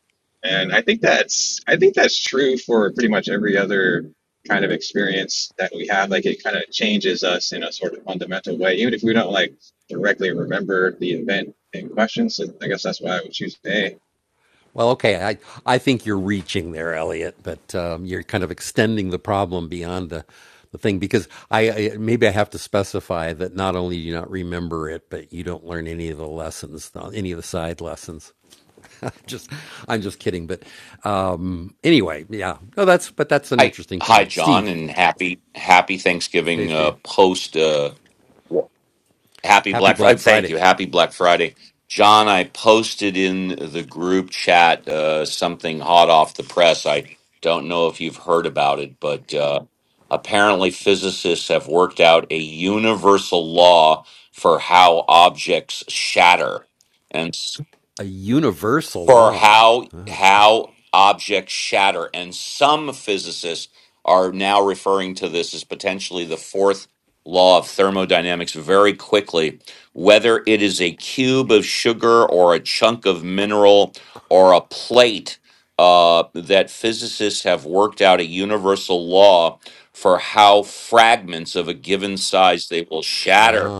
[SPEAKER 8] and I think that's I think that's true for pretty much every other kind of experience that we have. Like it kind of changes us in a sort of fundamental way, even if we don't like directly remember the event in question. So I guess that's why I would choose A,
[SPEAKER 9] Hi, hi, John, and happy happy Thanksgiving uh, post. Uh, happy Black Friday. Thank you. Happy Black Friday, John. I posted in the group chat uh, something hot off the press. I don't know if you've heard about it, but uh, apparently physicists have worked out a universal law for how objects shatter, for how how objects shatter and some physicists are now referring to this as potentially the fourth law of thermodynamics very quickly whether it is a cube of sugar or a chunk of mineral or a plate uh, that physicists have worked out a universal law for how fragments of a given size they will shatter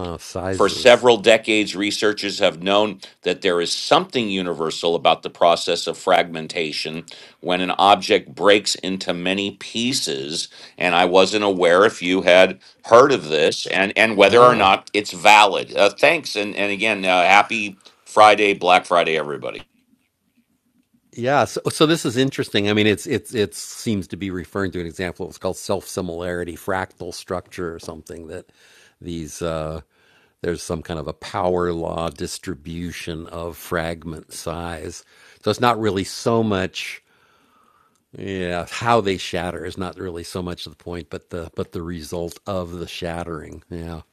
[SPEAKER 9] for several decades, researchers have known that there is something universal about the process of fragmentation when an object breaks into many pieces. And I wasn't aware if you had heard of this and, and whether or not it's valid. Uh, thanks. And, and again, uh, happy Friday, Black Friday, everybody.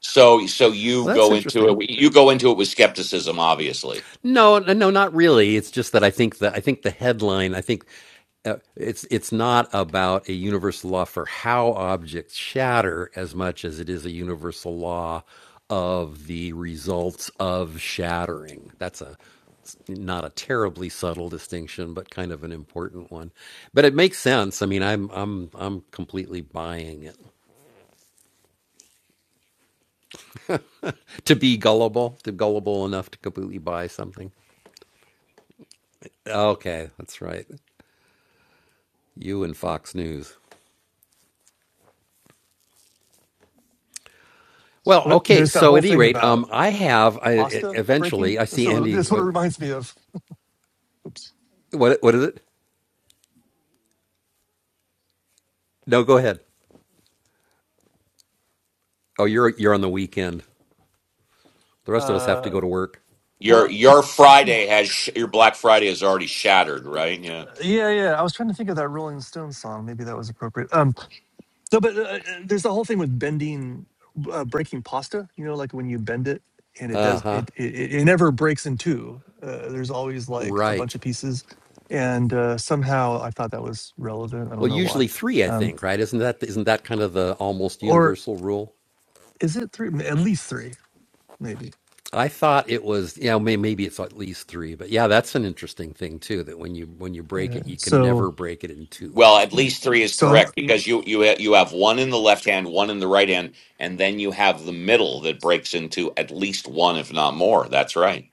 [SPEAKER 9] So, so you go into it. You go into it with skepticism, obviously.
[SPEAKER 4] There's that whole thing about pasta breaking. That's what, that's what it reminds me of. Uh,
[SPEAKER 9] Your
[SPEAKER 4] well,
[SPEAKER 9] your Friday has sh- your Black Friday is already shattered, right? Yeah.
[SPEAKER 4] yeah, yeah. I was trying to think of that Rolling Stones song. Maybe that was appropriate. Um, No, but uh, uh, there's the whole thing with bending, uh, breaking pasta. You know, like when you bend it and it does, it it, it it never breaks in two. Uh, there's always like a bunch of pieces, and uh, somehow I thought that was relevant. I don't know why, um, or is it three? M- At least three, maybe. So
[SPEAKER 9] Well, at
[SPEAKER 4] yeah.
[SPEAKER 9] least three is
[SPEAKER 4] So
[SPEAKER 9] correct because you you ha- you have one in the left hand, one in the right hand, and then you have the middle that breaks into at least one, if not more. That's right.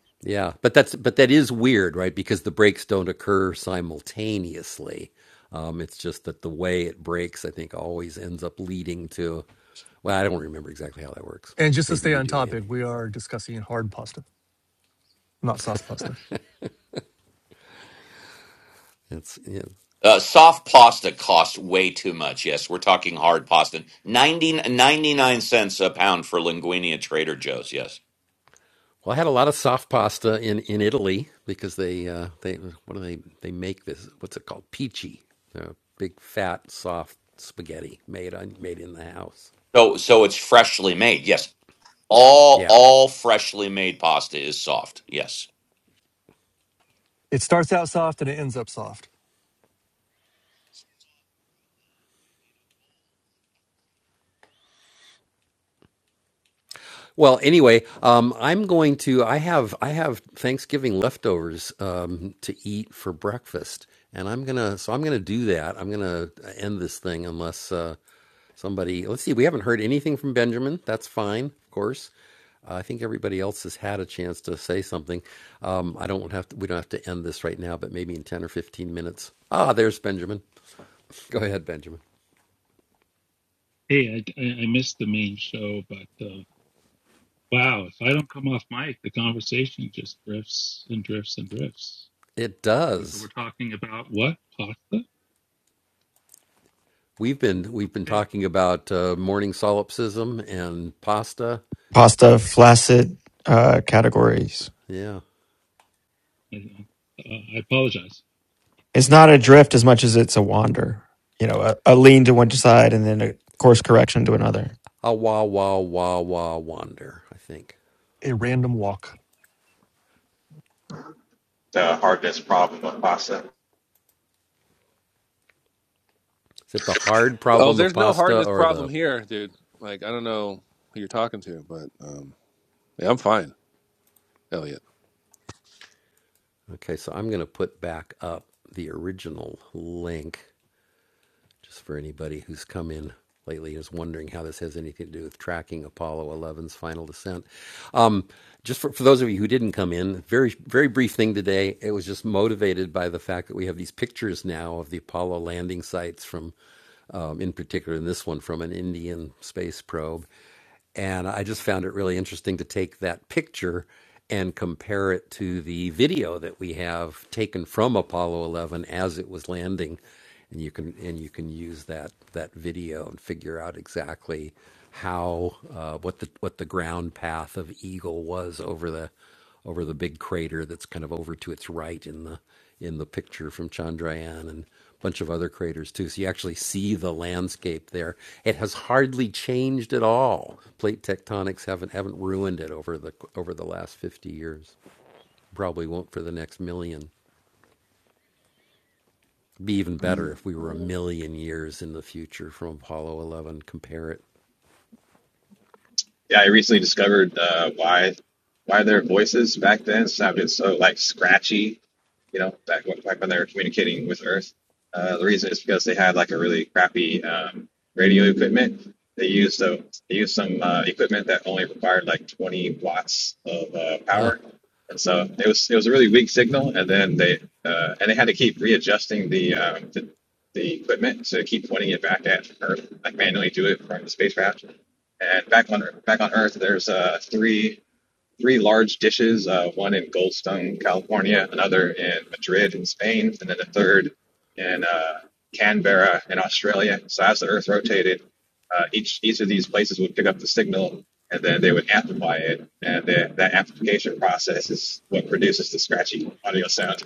[SPEAKER 4] and just to stay on topic, we are discussing hard pasta, not soft pasta.
[SPEAKER 9] Uh, soft pasta costs way too much. Yes, we're talking hard pasta. 90 99 cents a pound for linguine at Trader Joe's. Yes. So so it's freshly made. Yes. All all freshly made pasta is soft. Yes.
[SPEAKER 4] It starts out soft and it ends up soft.
[SPEAKER 10] Hey, I, I I missed the main show, but uh, wow, if I don't come off mic, the conversation just drifts and drifts and drifts. And so we're talking about what? Pasta? Okay.
[SPEAKER 3] Pasta, flaccid uh, categories.
[SPEAKER 10] I, uh, I apologize.
[SPEAKER 3] It's not a drift as much as it's a wander. You know, a, a lean to one side and then a course correction to another.
[SPEAKER 4] A random walk.
[SPEAKER 8] the hardest problem of pasta.
[SPEAKER 6] oh, there's no hardness problem here, dude. Like I don't know who you're talking to, but. um Yeah, I'm fine. Hell yeah.
[SPEAKER 8] Yeah, I recently discovered uh, why why their voices back then sounded so like scratchy you know, back, back when they were communicating with Earth. Uh, the reason is because they had like a really crappy um, radio equipment. They used a, they used some uh, equipment that only required like 20 watts of uh, power, and so it was it was a really weak signal. And then they uh, and they had to keep readjusting the, um, the the equipment to keep pointing it back at Earth, like manually do it from the spacecraft. And back on back on Earth, there's uh, three three large dishes, uh, one in Goldstone, California, another in Madrid, in Spain, and then a third in uh, Canberra, in Australia. So as the Earth rotated, uh, each each of these places would pick up the signal, and then they would amplify it, and that that amplification process is what produces the scratchy audio sound.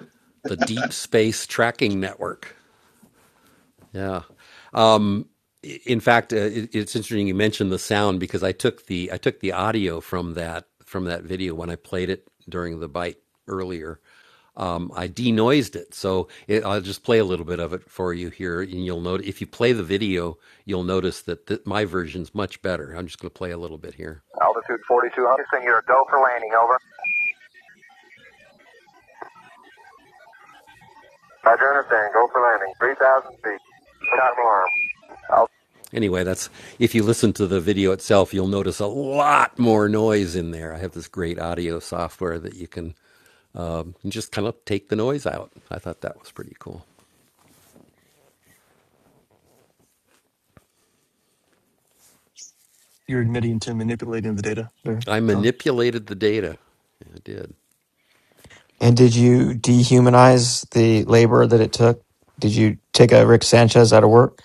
[SPEAKER 1] Altitude 4200. Houston, you're a go for landing, over. Roger, understand. Go for landing. 3,000 feet. Copy. Alarm.
[SPEAKER 4] You're admitting to manipulating the data there, John.
[SPEAKER 3] And did you dehumanize the labor that it took? Did you take a Rick Sanchez out of work?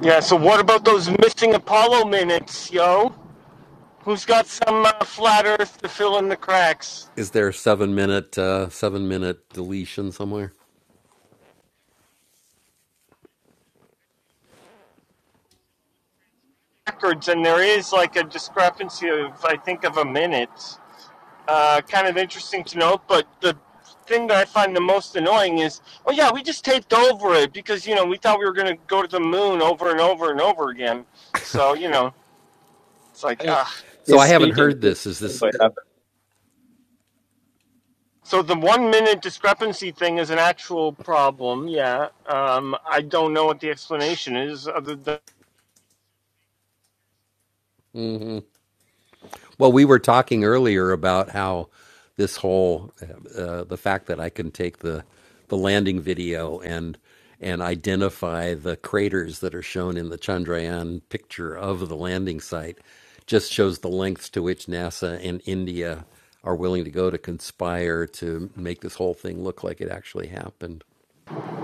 [SPEAKER 11] Yeah, so what about those missing Apollo minutes, yo? Who's got some uh, flat Earth to fill in the cracks? Records, and there is like a discrepancy of, I think, of a minute. Uh, kind of interesting to note, but the thing that I find the most annoying is, oh yeah, we just taped over it because, you know, we thought we were going to go to the moon over and over and over again. So, you know, it's like, ah.
[SPEAKER 2] He's speaking.
[SPEAKER 11] So the one minute discrepancy thing is an actual problem, yeah. Um, I don't know what the explanation is other than.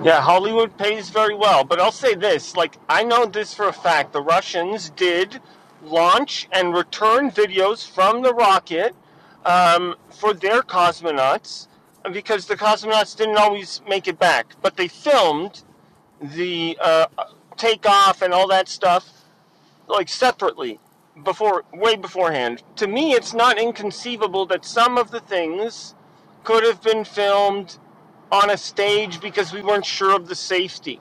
[SPEAKER 11] Yeah, Hollywood pays very well, but I'll say this, like I know this for a fact, the Russians did launch and return videos from the rocket um, for their cosmonauts because the cosmonauts didn't always make it back, but they filmed the uh, takeoff and all that stuff like separately before way beforehand. To me, it's not inconceivable that some of the things could have been filmed on a stage because we weren't sure of the safety.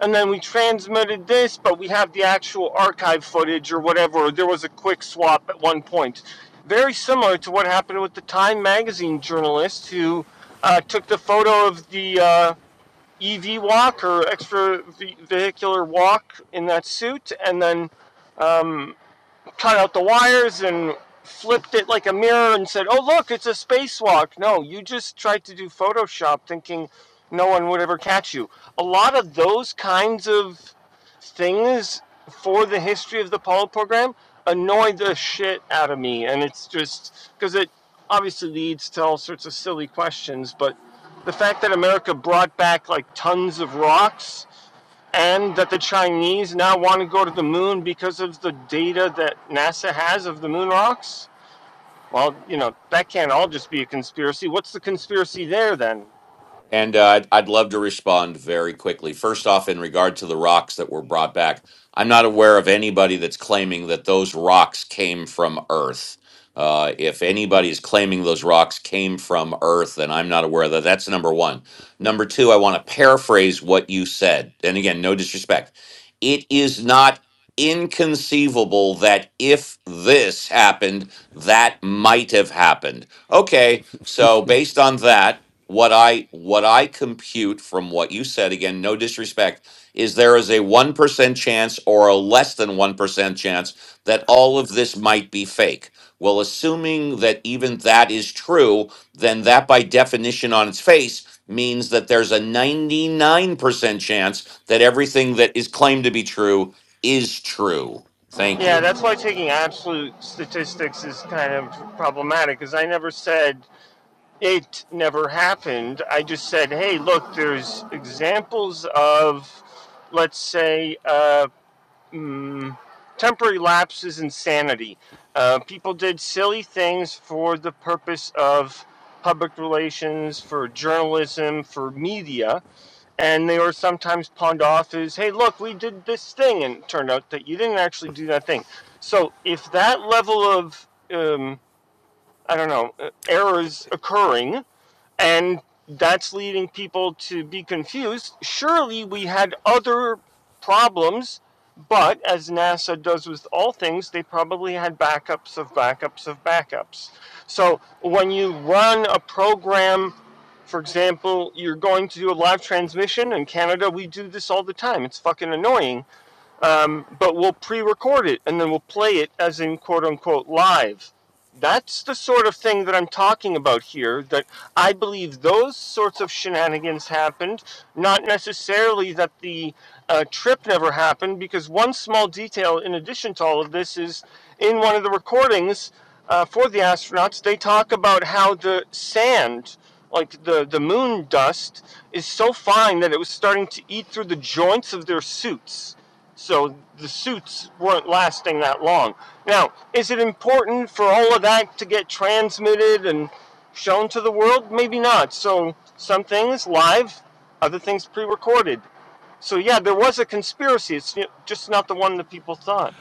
[SPEAKER 11] And then we transmitted this, but we have the actual archive footage or whatever. There was a quick swap at one point. Very similar to what happened with the Time magazine journalist who uh, took the photo of the uh, EV walk or extravehicular walk in that suit and then um, cut out the wires and flipped it like a mirror and said, "Oh, look, it's a spacewalk." No, you just tried to do Photoshop thinking no one would ever catch you. A lot of those kinds of things for the history of the Apollo program annoy the shit out of me, and it's just because it obviously leads to all sorts of silly questions, but the fact that America brought back like tons of rocks and that the Chinese now want to go to the moon because of the data that NASA has of the moon rocks? Well, you know, that can't all just be a conspiracy. What's the conspiracy there then?
[SPEAKER 9] And uh, I'd, I'd love to respond very quickly. First off, in regard to the rocks that were brought back, I'm not aware of anybody that's claiming that those rocks came from Earth. Uh, if anybody's claiming those rocks came from Earth, then I'm not aware of that. That's number one. Number two, I want to paraphrase what you said. And again, no disrespect. It is not inconceivable that if this happened, that might have happened. Okay, so based on that, what I what I compute from what you said again, no disrespect, is there is a 1% chance or a less than 1% chance that all of this might be fake. Well, assuming that even that is true, then that by definition on its face means that there's a 99% chance that everything that is claimed to be true is true. Thank
[SPEAKER 11] Yeah,
[SPEAKER 9] you.
[SPEAKER 11] that's why taking absolute statistics is kind of problematic because I never said it never happened. I just said, hey, look, there's examples of, let's say, uh, mm, temporary lapse is insanity. Uh, people did silly things for the purpose of public relations, for journalism, for media, and they were sometimes pawned off as, hey, look, we did this thing, and it turned out that you didn't actually do that thing. So if that level of, um, I don't know, uh, errors occurring, and that's leading people to be confused. Surely we had other problems, but as NASA does with all things, they probably had backups of backups of backups. So when you run a program, for example, you're going to do a live transmission in Canada, we do this all the time. It's fucking annoying um, but we'll pre-record it and then we'll play it as in quote unquote live that's the sort of thing that i'm talking about here that i believe those sorts of shenanigans happened not necessarily that the uh, trip never happened because one small detail in addition to all of this is in one of the recordings uh, for the astronauts they talk about how the sand like the, the moon dust is so fine that it was starting to eat through the joints of their suits so the suits weren't lasting that long. Now, is it important for all of that to get transmitted and shown to the world? Maybe not. So some things live, other things pre recorded. So yeah, there was a conspiracy. It's just not the one that people thought.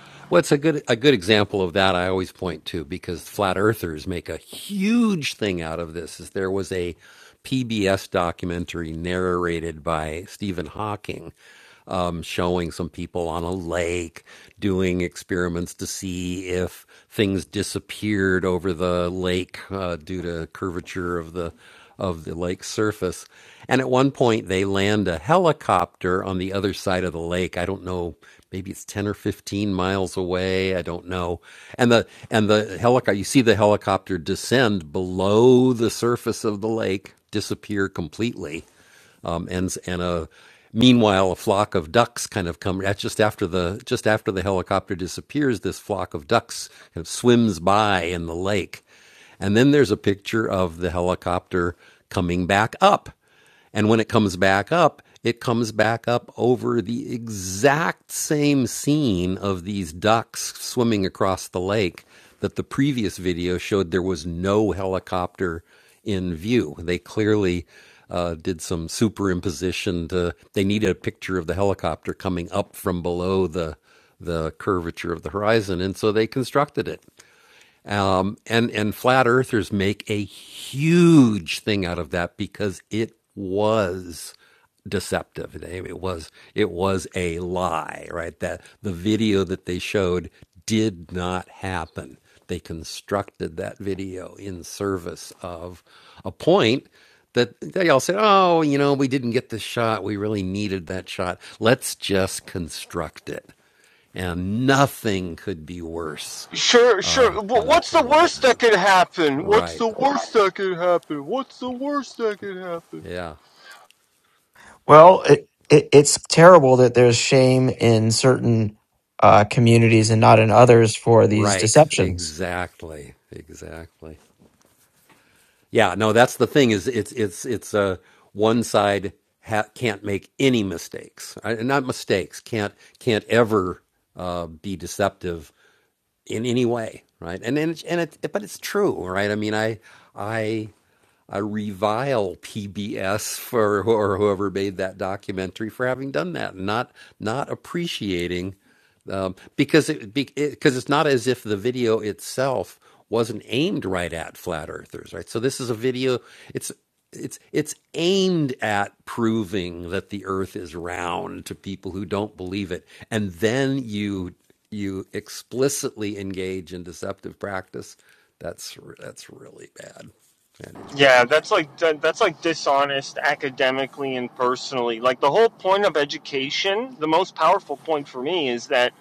[SPEAKER 11] Sure, sure. What's the worst that could happen? What's the worst that could happen? What's the worst that could happen?
[SPEAKER 3] Well, it, it, it's terrible that there's shame in certain uh, communities and not in others for these deceptions.
[SPEAKER 11] Yeah, that's like that- that's like dishonest academically and personally. Like the whole point of education, the most powerful point for me is that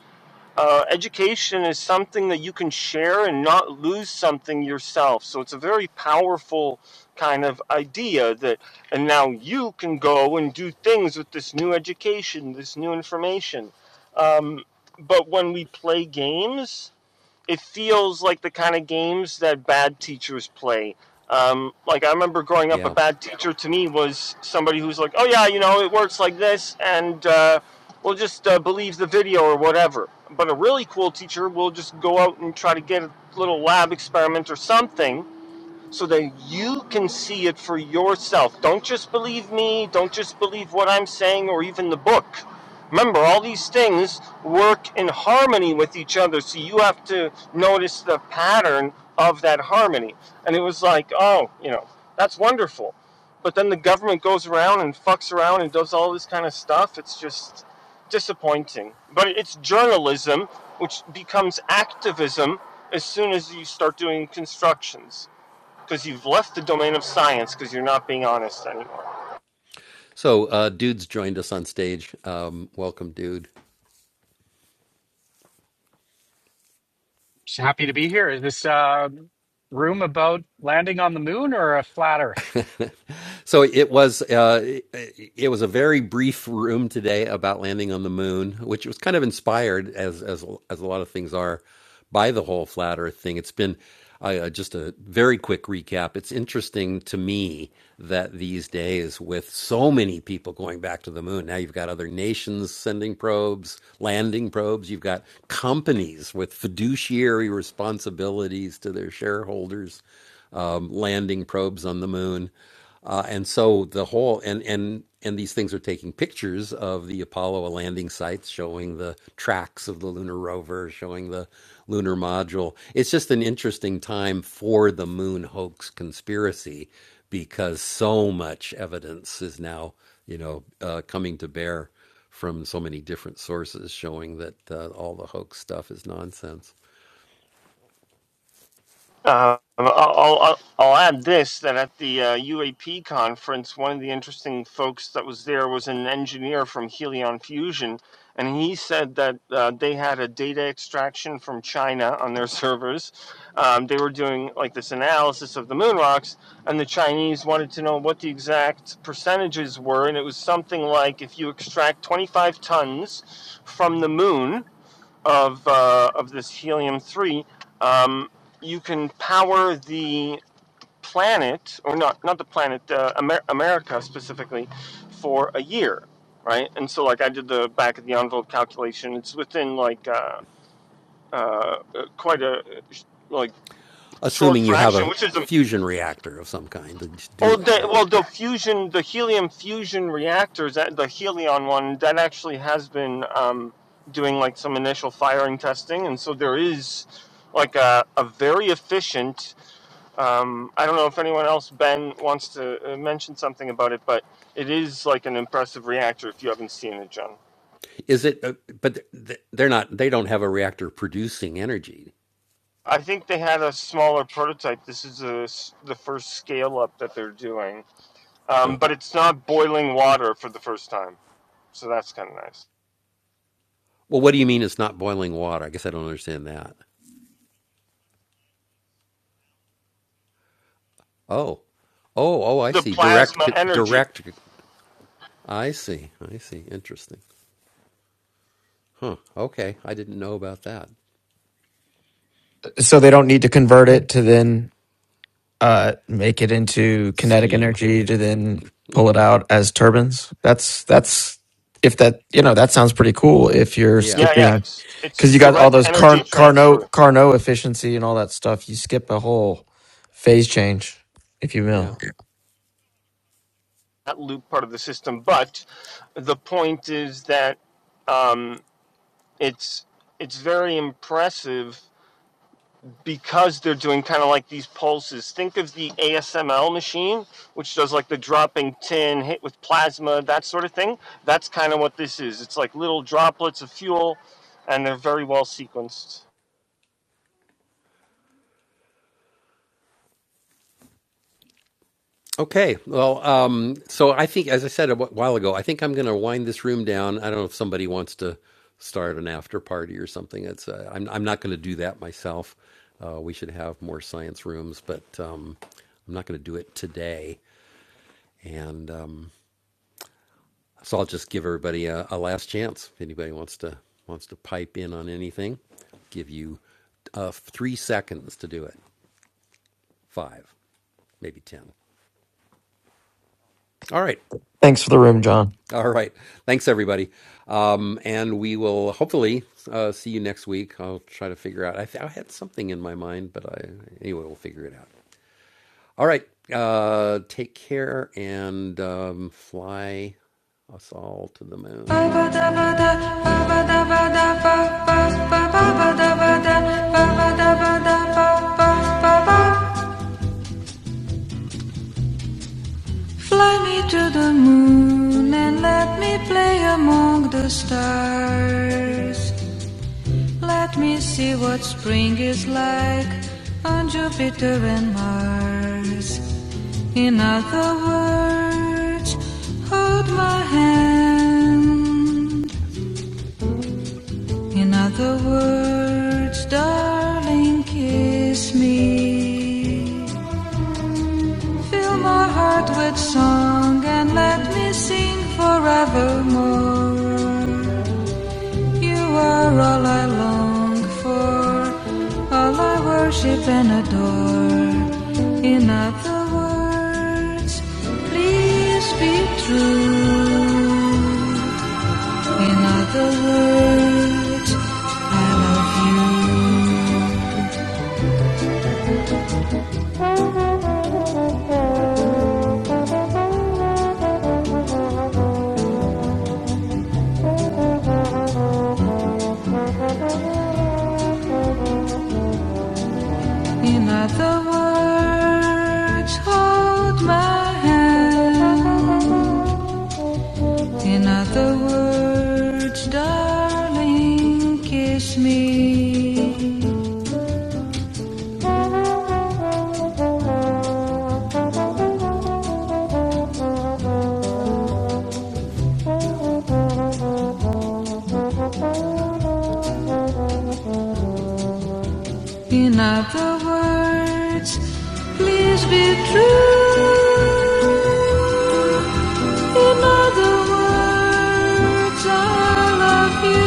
[SPEAKER 11] uh, education is something that you can share and not lose something yourself. So it's a very powerful kind of idea that, and now you can go and do things with this new education, this new information. Um, but when we play games it feels like the kind of games that bad teachers play. Um, like I remember growing up, a bad teacher to me was somebody who's like, "Oh yeah, you know, it works like this, and uh, we'll just uh, believe the video or whatever." But a really cool teacher will just go out and try to get a little lab experiment or something so then you can see it for yourself. Don't just believe me, don't just believe what I'm saying or even the book. Remember, all these things work in harmony with each other, so you have to notice the pattern of that harmony. And it was like, oh, you know, that's wonderful. But then the government goes around and fucks around and does all this kind of stuff. It's just disappointing. But it's journalism, which becomes activism as soon as you start doing constructions because you've left the domain of science because you're not being honest anymore.
[SPEAKER 12] Just happy to be here. Is this uh, room about landing on the moon or a flat Earth?
[SPEAKER 11] Uh, I'll, I'll, I'll add this that at the uh, UAP conference, one of the interesting folks that was there was an engineer from Helion Fusion, and he said that uh, they had a data extraction from China on their servers. Um, they were doing like this analysis of the moon rocks, and the Chinese wanted to know what the exact percentages were, and it was something like if you extract 25 tons from the moon of uh, of this helium three, um, you can power the planet, or not not the planet, uh, Amer- America specifically, for a year, right? And so, like, I did the back of the envelope calculation. It's within like uh, uh, quite a like short fraction, which is Oh, the, well, the fusion, the helium fusion reactors, the Helion one, that actually has been um, doing like some initial firing testing, and so there is like a, a very efficient. Um, I don't know if anyone else, Ben, wants to uh, mention something about it, but it is like an impressive reactor if you haven't seen it, John. I think they had a smaller prototype. This is a s the first scale up that they're doing, um, but it's not boiling water for the first time, so that's kind of nice. the plasma energy.
[SPEAKER 3] So they don't need to convert it to then uh, make it into kinetic energy to then pull it out as turbines. That's that's if that you know that sounds pretty cool. If you're
[SPEAKER 11] Yeah, yeah,
[SPEAKER 3] skipping
[SPEAKER 11] it's it's
[SPEAKER 3] because you got all
[SPEAKER 11] direct
[SPEAKER 3] those car,
[SPEAKER 11] energy transfer,
[SPEAKER 3] Carnot Carnot efficiency and all that stuff, you skip a whole phase change, if you will. Yeah.
[SPEAKER 11] that loop part of the system. But the point is that um, it's it's very impressive because they're doing kind of like these pulses. Think of the ASML machine, which does like the dropping tin hit with plasma, that sort of thing. That's kind of what this is. It's like little droplets of fuel, and they're very well sequenced.
[SPEAKER 3] Thanks for the room, John.
[SPEAKER 1] Al- Fly me to the moon and let me play among the stars. Let me see what spring is like on Jupiter and Mars. In other words, hold my hand. In other words, darling, kiss me. Fill my heart with song and let me sing forevermore. You are all I long for, all I worship and adore. In other words, please be true. In other words, I love you. In other words, hold my hand. In other words, darling, kiss me. In other words, please be true. In other words, I love you.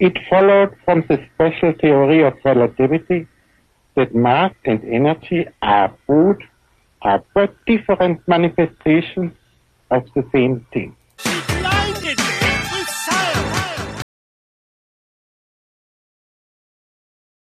[SPEAKER 1] It followed from the special theory of relativity that mass and energy are both are but different manifestations of the same thing.